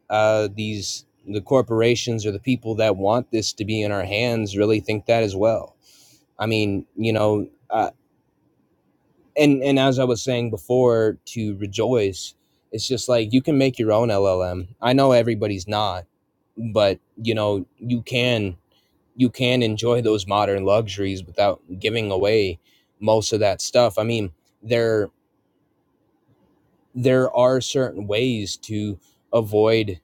uh these the corporations or the people that want this to be in our hands really think that as well i mean you know uh, and and as i was saying before to rejoice it's just like you can make your own llm i know everybody's not but you know you can you can enjoy those modern luxuries without giving away most of that stuff. I mean, there there are certain ways to avoid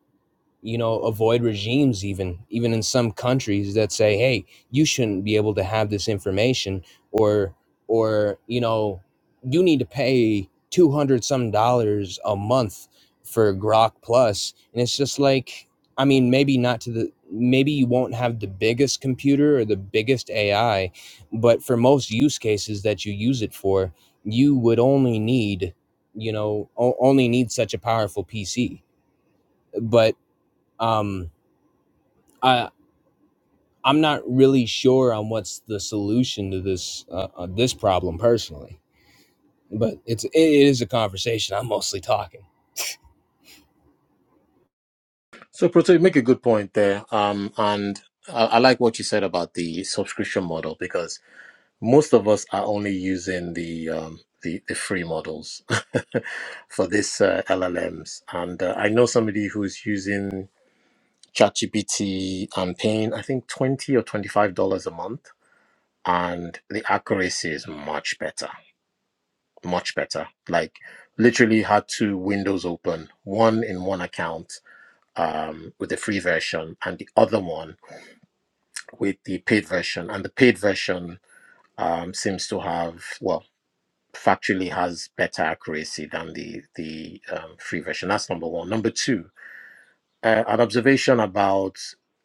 you know avoid regimes even even in some countries that say hey you shouldn't be able to have this information or or you know you need to pay 200 some dollars a month for grok plus and it's just like i mean maybe not to the maybe you won't have the biggest computer or the biggest ai but for most use cases that you use it for you would only need you know o- only need such a powerful pc but um I I'm not really sure on what's the solution to this uh, uh, this problem personally, but it's it is a conversation. I'm mostly talking. So, Proto, you make a good point there. Um, and I, I like what you said about the subscription model because most of us are only using the um, the, the free models *laughs* for this uh, LLMs. And uh, I know somebody who's using ChatGPT. I'm paying, I think, twenty or twenty-five dollars a month, and the accuracy is much better, much better. Like, literally had two windows open, one in one account um, with the free version, and the other one with the paid version. And the paid version um, seems to have, well, factually has better accuracy than the the um, free version. That's number one. Number two Uh, an observation about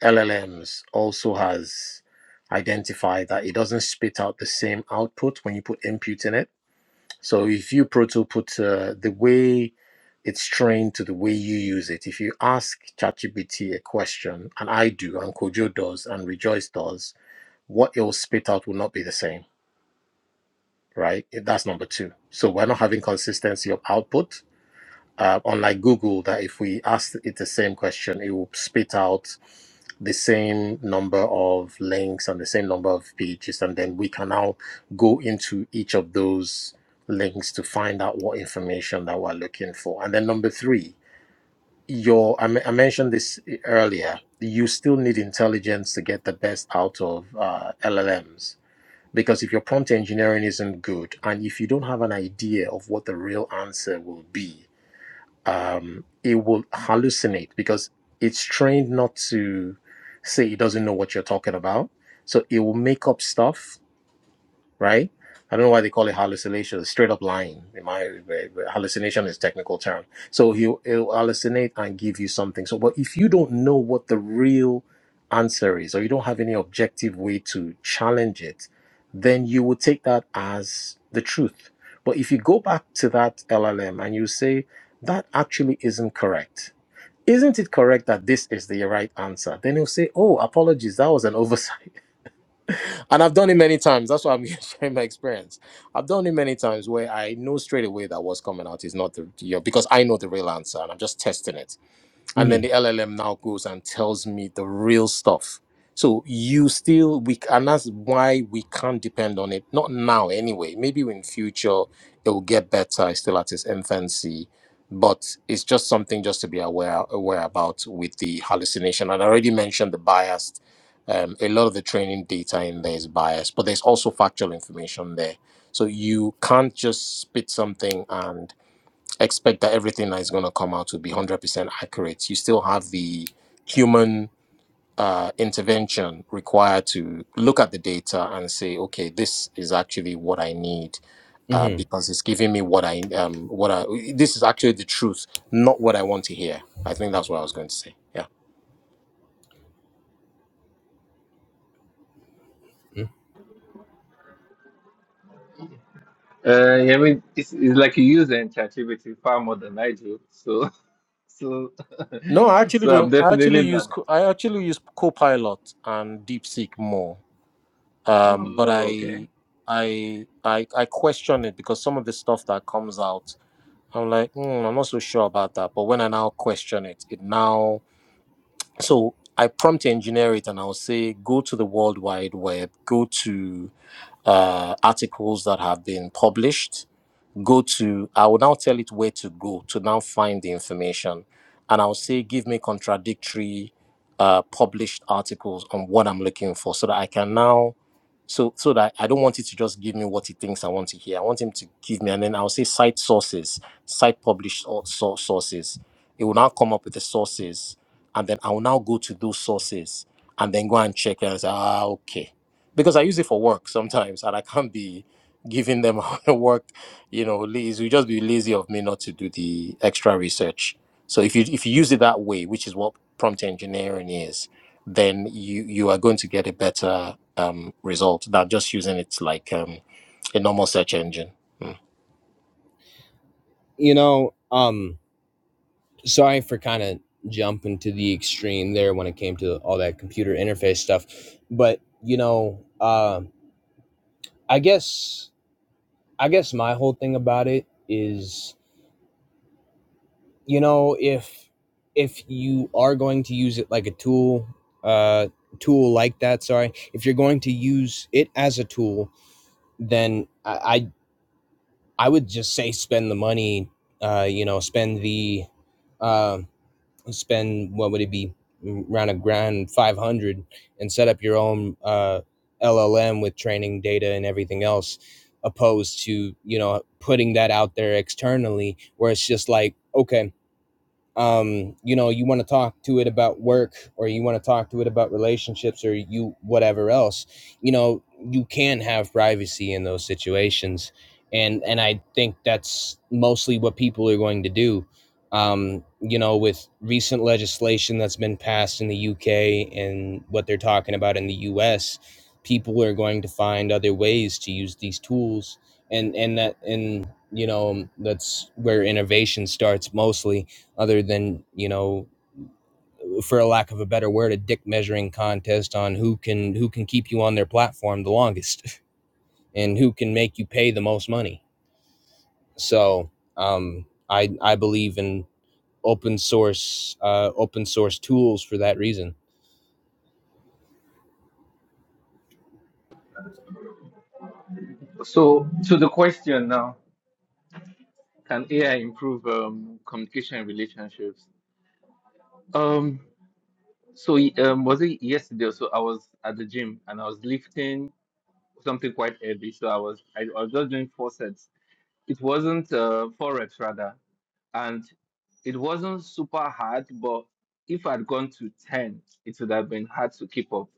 LLMs also has identified that it doesn't spit out the same output when you put input in it. So if you proto put uh, the way it's trained to the way you use it, if you ask ChatGPT a question, and I do, and Kojo does, and Rejoice does, what it will spit out will not be the same, right? That's number two. So we're not having consistency of output uh, unlike Google, that if we ask it the same question, it will spit out the same number of links and the same number of pages. And then we can now go into each of those links to find out what information that we're looking for. And then number three, your I, me- I mentioned this earlier. You still need intelligence to get the best out of uh, LLMs because if your prompt engineering isn't good and if you don't have an idea of what the real answer will be, um, it will hallucinate because it's trained not to say it doesn't know what you're talking about. So it will make up stuff right? I don't know why they call it hallucination. It's straight up lying. In my hallucination is technical term. So he'll, he'll hallucinate and give you something. So, but if you don't know what the real answer is, or you don't have any objective way to challenge it, then you will take that as the truth. But if you go back to that LLM and you say that actually isn't correct, isn't it correct that this is the right answer? Then he'll say, "Oh, apologies, that was an oversight." *laughs* and I've done it many times. That's why I'm *laughs* sharing my experience. I've done it many times where I know straight away that what's coming out is not the you know, because I know the real answer and I'm just testing it and hmm then the LLM now goes and tells me the real stuff. So you still we and that's why we can't depend on it. Not now anyway. Maybe in future it will get better. It's still at its infancy, but it's just something just to be aware aware about with the hallucination. And I already mentioned the biased. Um, a lot of the training data in there is biased, but there's also factual information there. So you can't just spit something and expect that everything that is going to come out will be 100% accurate. You still have the human uh, intervention required to look at the data and say, okay, this is actually what I need uh, hmm because it's giving me what I um, what I this is actually the truth, not what I want to hear. I think that's what I was going to say. Yeah. Uh, I mean, it's, it's like you use ChatGPT far more than I do. So, *laughs* so, No, I *laughs* actually so I'm don't. I definitely actually use not. Co- I actually use Copilot and DeepSeek more um, but Oh, okay. I, I, I, I question it because some of the stuff that comes out, I'm like, "Hmm, I'm not so sure about that. But when I now question it, it now so I prompt engineer it and I'll say, go to the World Wide Web, go to uh, articles that have been published go to i will now tell it where to go to now find the information and i'll say give me contradictory uh published articles on what i'm looking for so that i can now so so that i don't want it to just give me what it thinks i want to hear i want him to give me and then i'll say site sources site published or so- sources it will now come up with the sources and then i will now go to those sources and then go and check and say ah okay because i use it for work sometimes and i can't be giving them *laughs* work you know lazy it would just be lazy of me not to do the extra research so if you if you use it that way which is what prompt engineering is then you you are going to get a better um result than just using it like um a normal search engine Mm. You know, um, sorry for kind of jumping to the extreme there when it came to all that computer interface stuff, but you know, uh, I guess I guess my whole thing about it is you know if if you are going to use it like a tool uh tool like that sorry if you're going to use it as a tool then i i, I would just say spend the money uh you know spend the uh, spend what would it be Mm, around a grand 500 and set up your own uh llm with training data and everything else opposed to you know putting that out there externally where it's just like okay um you know you want to talk to it about work or you want to talk to it about relationships or you whatever else you know you can have privacy in those situations and and i think that's mostly what people are going to do um you know with recent legislation that's been passed in the UK and what they're talking about in the US people are going to find other ways to use these tools and and that and you know that's where innovation starts mostly other than you know for a lack of a better word a dick measuring contest on who can who can keep you on their platform the longest *laughs* and who can make you pay the most money so um i i believe in open source uh open source tools for that reason So, to the question now, can AI improve um, communication and relationships? Um, So y- um, was it yesterday? or So I was at the gym and I was lifting something quite heavy. So I was I, I was just doing four sets. It wasn't uh, four reps rather, and it wasn't super hard. But if I'd gone to ten, it would have been hard to keep up.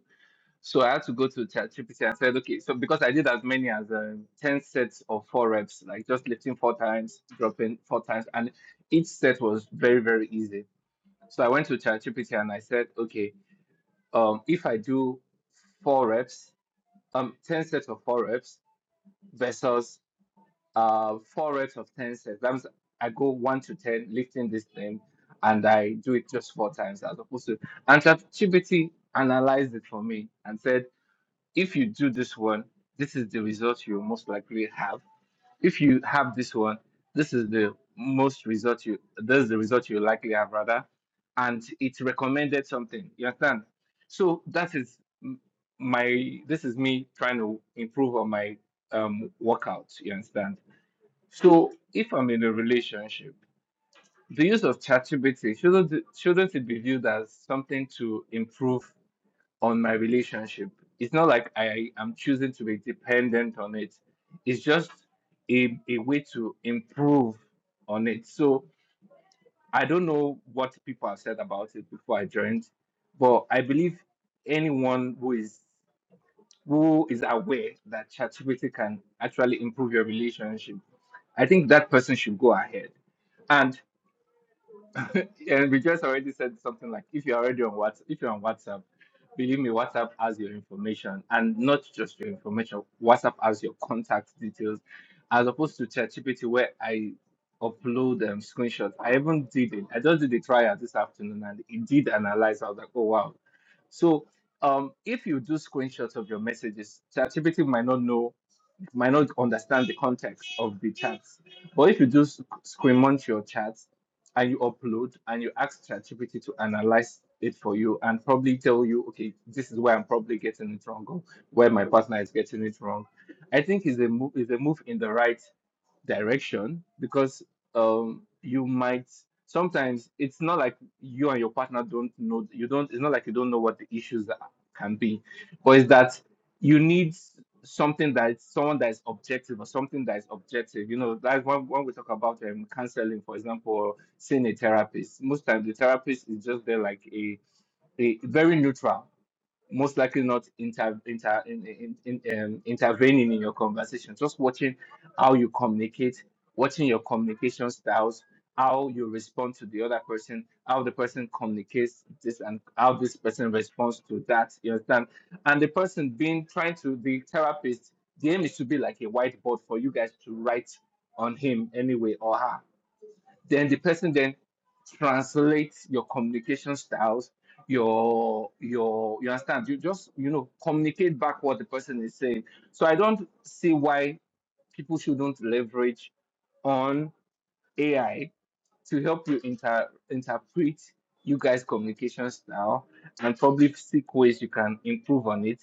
So I had to go to ChatGPT and said, okay, so because I did as many as uh, ten sets of four reps, like just lifting four times, dropping four times, and each set was very very easy. So I went to ChatGPT and I said, okay um, if I do four reps, um, 10 sets of four reps versus uh, four reps of 10 sets. That means I go one to 10 lifting this thing and I do it just four times as opposed to. And ChatGPT analyzed it for me and said, if you do this one, this is the result you most likely have if you have this one, this is the most result you this is the result you likely have rather, and it recommended something. You understand? So that is m- my this is me trying to improve on my um workout. You understand? So if I'm in a relationship, the use of ChatGPT shouldn't shouldn't it be viewed as something to improve on my relationship. It's not like I am choosing to be dependent on it. It's just a, a way to improve on it. So I don't know what people have said about it before I joined, but I believe anyone who is who is aware that ChatGPT can actually improve your relationship, I think that person should go ahead. and. *laughs* and we just already said something like if you're already on WhatsApp, if you're on WhatsApp, believe me, WhatsApp has your information and not just your information. WhatsApp has your contact details, as opposed to ChatGPT where I upload um, screenshots. I even did it. I just did the trial this afternoon and it did analyze. I was like, oh wow. So um, if you do screenshots of your messages, ChatGPT might not know might not understand the context of the charts. But if you just screenshot your charts and you upload and you ask ChatGPT to analyze it for you and probably tell you, okay, this is where I'm probably getting it wrong or where my partner is getting it wrong. I think is a move is a move in the right direction because um you might sometimes it's not like you and your partner don't know you don't it's not like you don't know what the issues are, can be but it's that you need something that someone that is objective or something that is objective you know like when, when we talk about um, counseling for example or seeing a therapist most times the therapist is just there like a, a very neutral most likely not inter, inter, in, in, in, um, intervening in your conversation, just watching how you communicate, watching your communication styles, how you respond to the other person, how the person communicates this, and how this person responds to that. You understand? And the person being trying to the therapist, the aim is to be like a whiteboard for you guys to write on him anyway or her then the person then translates your communication styles, your your you understand. You just you know communicate back what the person is saying. So I don't see why people shouldn't leverage on AI to help you inter- interpret you guys' communication style and probably seek ways you can improve on it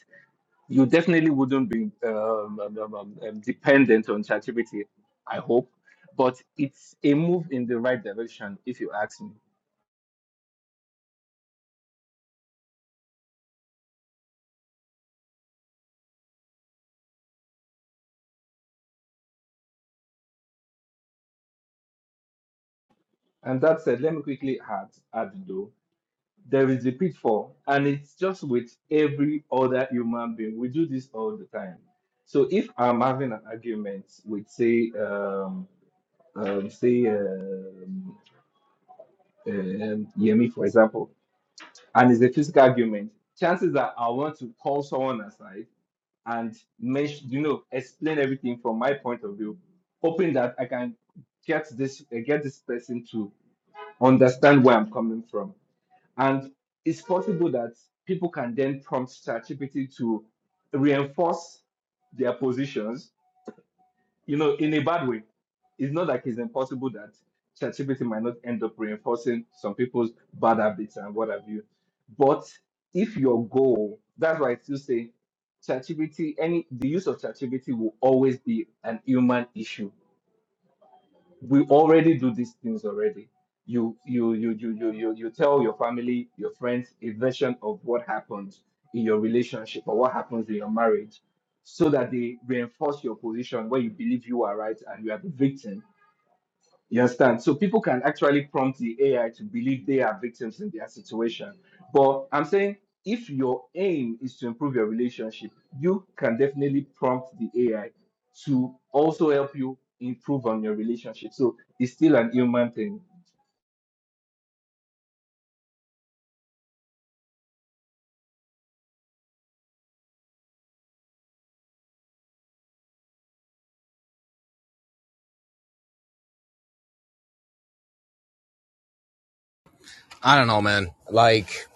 you definitely wouldn't be um, um, um, um, um, dependent on ChatGPT, I hope. But it's a move in the right direction, if you ask me. And that said, let me quickly add, add though, there is a pitfall, and it's just with every other human being. We do this all the time. So if I'm having an argument with, say, um, um, say um, um, Yemi, for example, and it's a physical argument, chances are I want to call someone aside and mesh, you know, explain everything from my point of view, hoping that I can get this uh, get this person to understand where I'm coming from. And it's possible that people can then prompt ChatGPT to reinforce their positions you know, in a bad way. It's not like it's impossible that ChatGPT might not end up reinforcing some people's bad habits and what have you. But if your goal, that's why I still say ChatGPT, any the use of ChatGPT will always be an human issue we already do these things already. You you you you you you you tell your family, your friends a version of what happened in your relationship or what happens in your marriage so that they reinforce your position where you believe you are right and you are the victim you understand? So people can actually prompt the AI to believe they are victims in their situation. But I'm saying if your aim is to improve your relationship, you can definitely prompt the AI to also help you improve on your relationship. So it's still an human thing. i don't know man like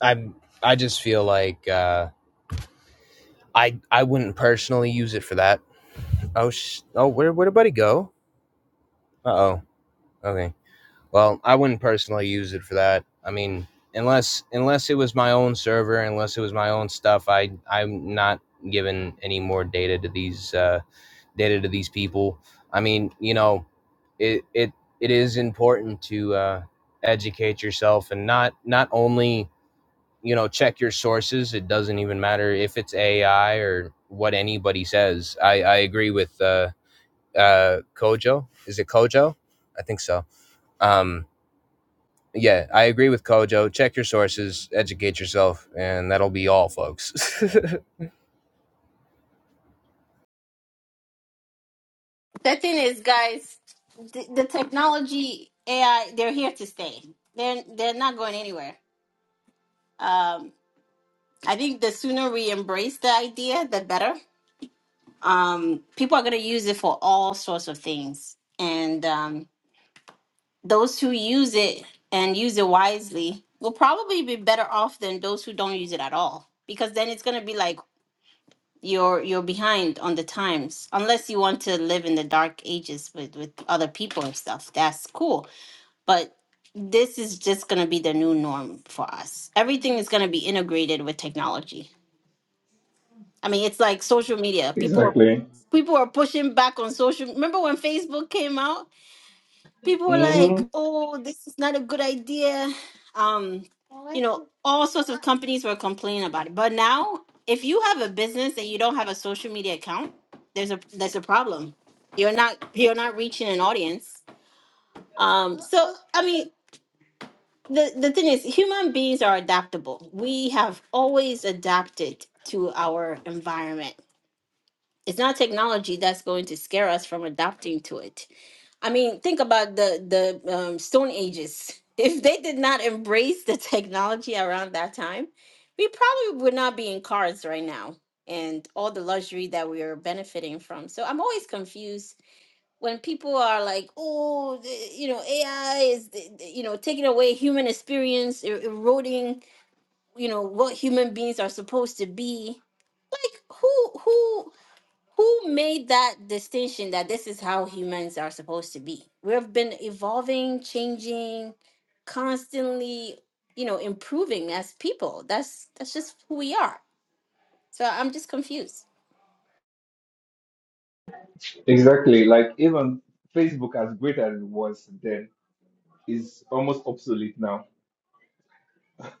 i i just feel like uh i i wouldn't personally use it for that oh sh- oh where where'd Buddy go Uh oh. Okay. Well, I wouldn't personally use it for that. I mean, unless unless it was my own server, unless it was my own stuff, I I'm not giving any more data to these uh, data to these people. I mean, you know, it it it is important to uh, educate yourself and not not only you know check your sources. It doesn't even matter if it's AI or what anybody says. I I agree with uh, uh, Kojo. Is it Kojo? I think so um, yeah, I agree with Kojo. Check your sources, educate yourself, and that'll be all, folks. *laughs* the thing is guys the, the technology ai they're here to stay they're they're not going anywhere um i think the sooner we embrace the idea the better um people are going to use it for all sorts of things and um those who use it and use it wisely will probably be better off than those who don't use it at all because then it's going to be like you're you're behind on the times unless you want to live in the dark ages with with other people and stuff that's cool but this is just going to be the new norm for us everything is going to be integrated with technology i mean it's like social media people are Exactly. people are pushing back on social remember when facebook came out people were hmm like, "Oh, this is not a good idea." Um, you know, all sorts of companies were complaining about it. But now, if you have a business and you don't have a social media account, there's a there's a problem. You're not you're not reaching an audience. Um, so I mean, the the thing is, human beings are adaptable. We have always adapted to our environment. It's not technology that's going to scare us from adapting to it I mean, think about the the um, Stone Ages. *laughs* If they did not embrace the technology around that time, we probably would not be in cars right now and all the luxury that we are benefiting from. So I'm always confused when people are like, "Oh, the- you know, AI is the- the- you know taking away human experience, er- eroding you know what human beings are supposed to be." Like, who who? who made that distinction that this is how humans are supposed to be we've been evolving changing constantly you know improving as people that's that's just who we are so i'm just confused Exactly. Like even Facebook, as great as it was then, is almost obsolete now.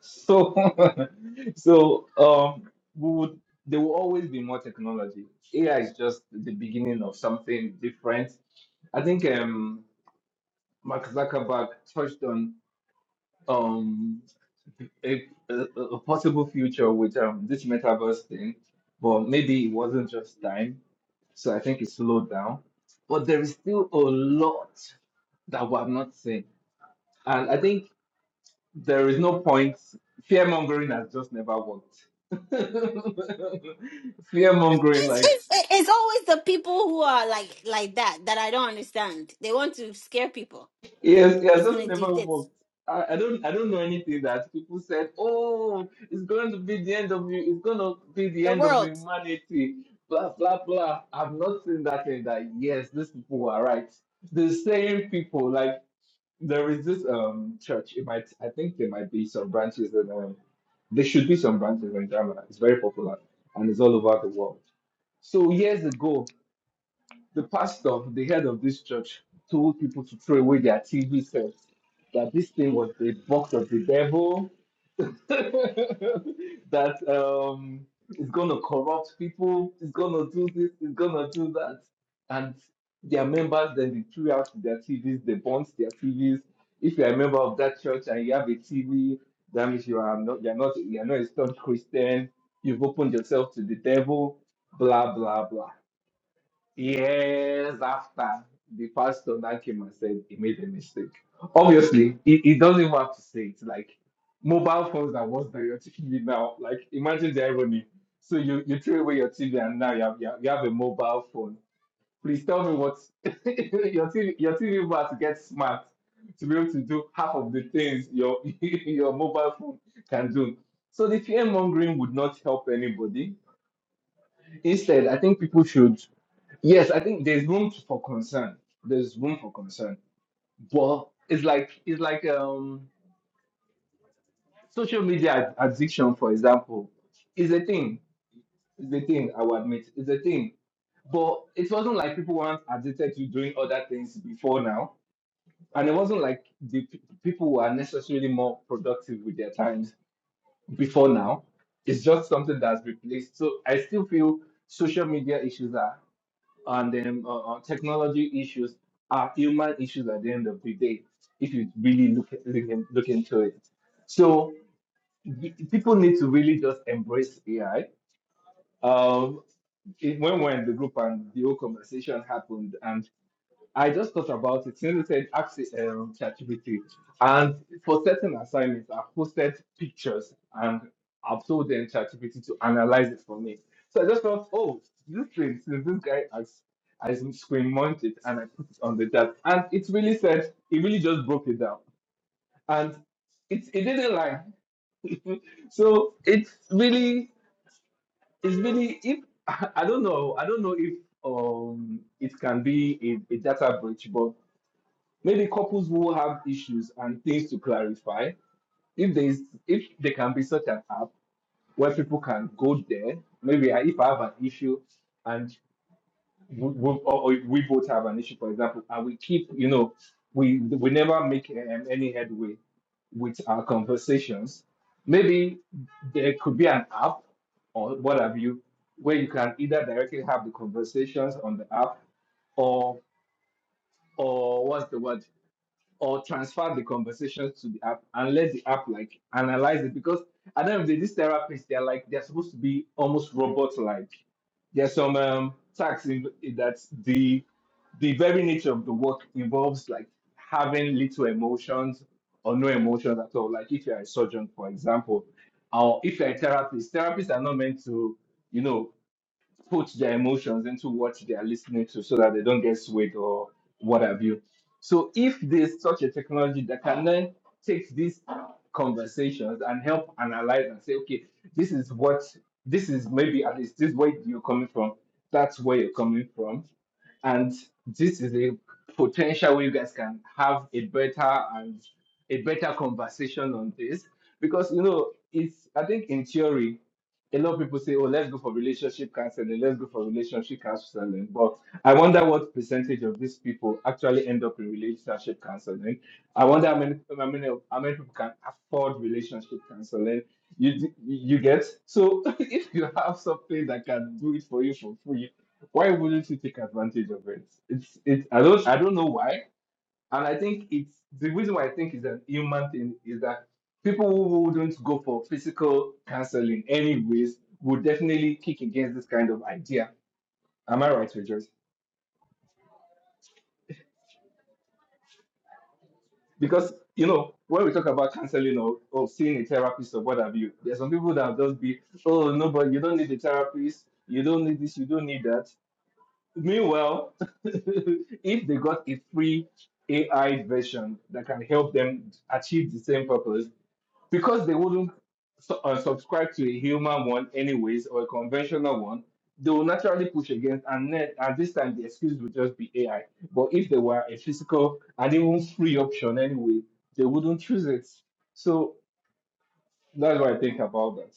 So, *laughs* so um, we would there will always be more technology. AI is just the beginning of something different. I think um, Mark Zuckerberg touched on um, a, a, a possible future with um, this metaverse thing, but maybe it wasn't just time. So I think it slowed down. But there is still a lot that we have not seen, and I think. there is no point. Fear mongering has just never worked. *laughs* Fear mongering, it's, like it's, it's always the people who are like like that that i don't understand they want to scare people it has, it has it's just gonna do never this worked. I, I don't I don't know anything that people said. Oh, it's going to be the end of you. It's going to be the the end of world humanity. Blah blah blah. I've not seen that thing. That yes, these people are right. The same people like. There is this um church. It might I think there might be some branches in um there should be some branches in Ghana. It's very popular and it's all over the world. So years ago, the pastor, the head of this church, told people to throw away their TV sets. That this thing was the box of the devil. *laughs* that um, is going to corrupt people, is going to do this, is going to do that. And their members, then they threw out their TVs, they burnt their TVs. If you're a member of that church and you have a TV, that means you are not, you're not, you're not a staunch Christian. You've opened yourself to the devil. Blah blah blah years after the pastor now came and said he made a mistake. Obviously, he, he doesn't even have to say it. Like mobile phones are worse than your TV now. Like imagine the irony. So you, you threw away your TV and now you have you have, you have a mobile phone. Please tell me what *laughs* your TV your TV will have to get smart to be able to do half of the things your *laughs* your mobile phone can do. So the fear mongering would not help anybody. Instead, I think people should Yes, I think there's room for concern. There's room for concern, but it's like it's like um social media ad- addiction, for example, is a thing. It's a thing. I will admit, it's a thing. But it wasn't like people weren't addicted to doing other things before now, and it wasn't like the pe- people were necessarily more productive with their times before now. It's just something that's replaced. So I still feel social media issues are. and um, uh, uh, technology issues are human issues at the end of the day if you really look, look, in- look into it so y- people need to really just embrace ai um, it, when we're in the group and the whole conversation happened I just thought about it. Since you said ask um, ChatGPT, and for certain assignments, I've posted pictures and I've told them ChatGPT to analyze it for me. So I just thought, oh, this thing, since this guy has, I screen mounted and I put it on the chat, and it really said, it really just broke it down, and it it didn't lie. *laughs* So it's really, it's really, if *laughs* I don't know, I don't know if um it can be a, a data breach, but Maybe couples who have issues and things to clarify. If there is, if there can be such an app where people can go there, maybe I, if I have an issue and we, we, or, or we both have an issue, for example, and we keep, you know, we we never make um, any headway with our conversations. Maybe there could be an app or what have you, where you can either directly have the conversations on the app or or what's the word? or transfer the conversations to the app and let the app like analyze it because I the end of the day, these therapists they're like they're supposed to be almost robot like. There's some um tasks in that the the very nature of the work involves like having little emotions or no emotions at all. Like if you're a surgeon, for example, or if you're a therapist, therapists are not meant to, you know, put their emotions into what they are listening to so that they don't get swayed or what have you. So if there's such a technology that can then take these conversations and help analyze and say, okay, this is what this is maybe at least this way you're coming from, that's where you're coming from. And this is a potential where you guys can have a better and a better conversation on this. Because you know, it's I think in theory a lot of people say, oh, let's go for relationship counseling, let's go for relationship counseling. But I wonder what percentage of these people actually end up in relationship counseling. I wonder how many, how many, how many people can afford relationship counseling. You, d- you get so *laughs* if you have something that can do it for you for free, why wouldn't you take advantage of it? It's it. I don't I don't know why, and I think it's the reason why I think it's an human thing is that people who wouldn't go for physical counseling anyways would definitely kick against this kind of idea. Am I right, Rejoice? Because you know, when we talk about counseling or, or seeing a therapist or what have you, there's some people that will just be, oh no, but you don't need a therapist, you don't need this, you don't need that. Meanwhile, *laughs* if they got a free AI version that can help them achieve the same purpose, because they wouldn't su- uh, subscribe to a human one anyways or a conventional one they will naturally push against and then at this time the excuse would just be ai but if they were a physical and even free option anyway they wouldn't choose it so that's what i think about that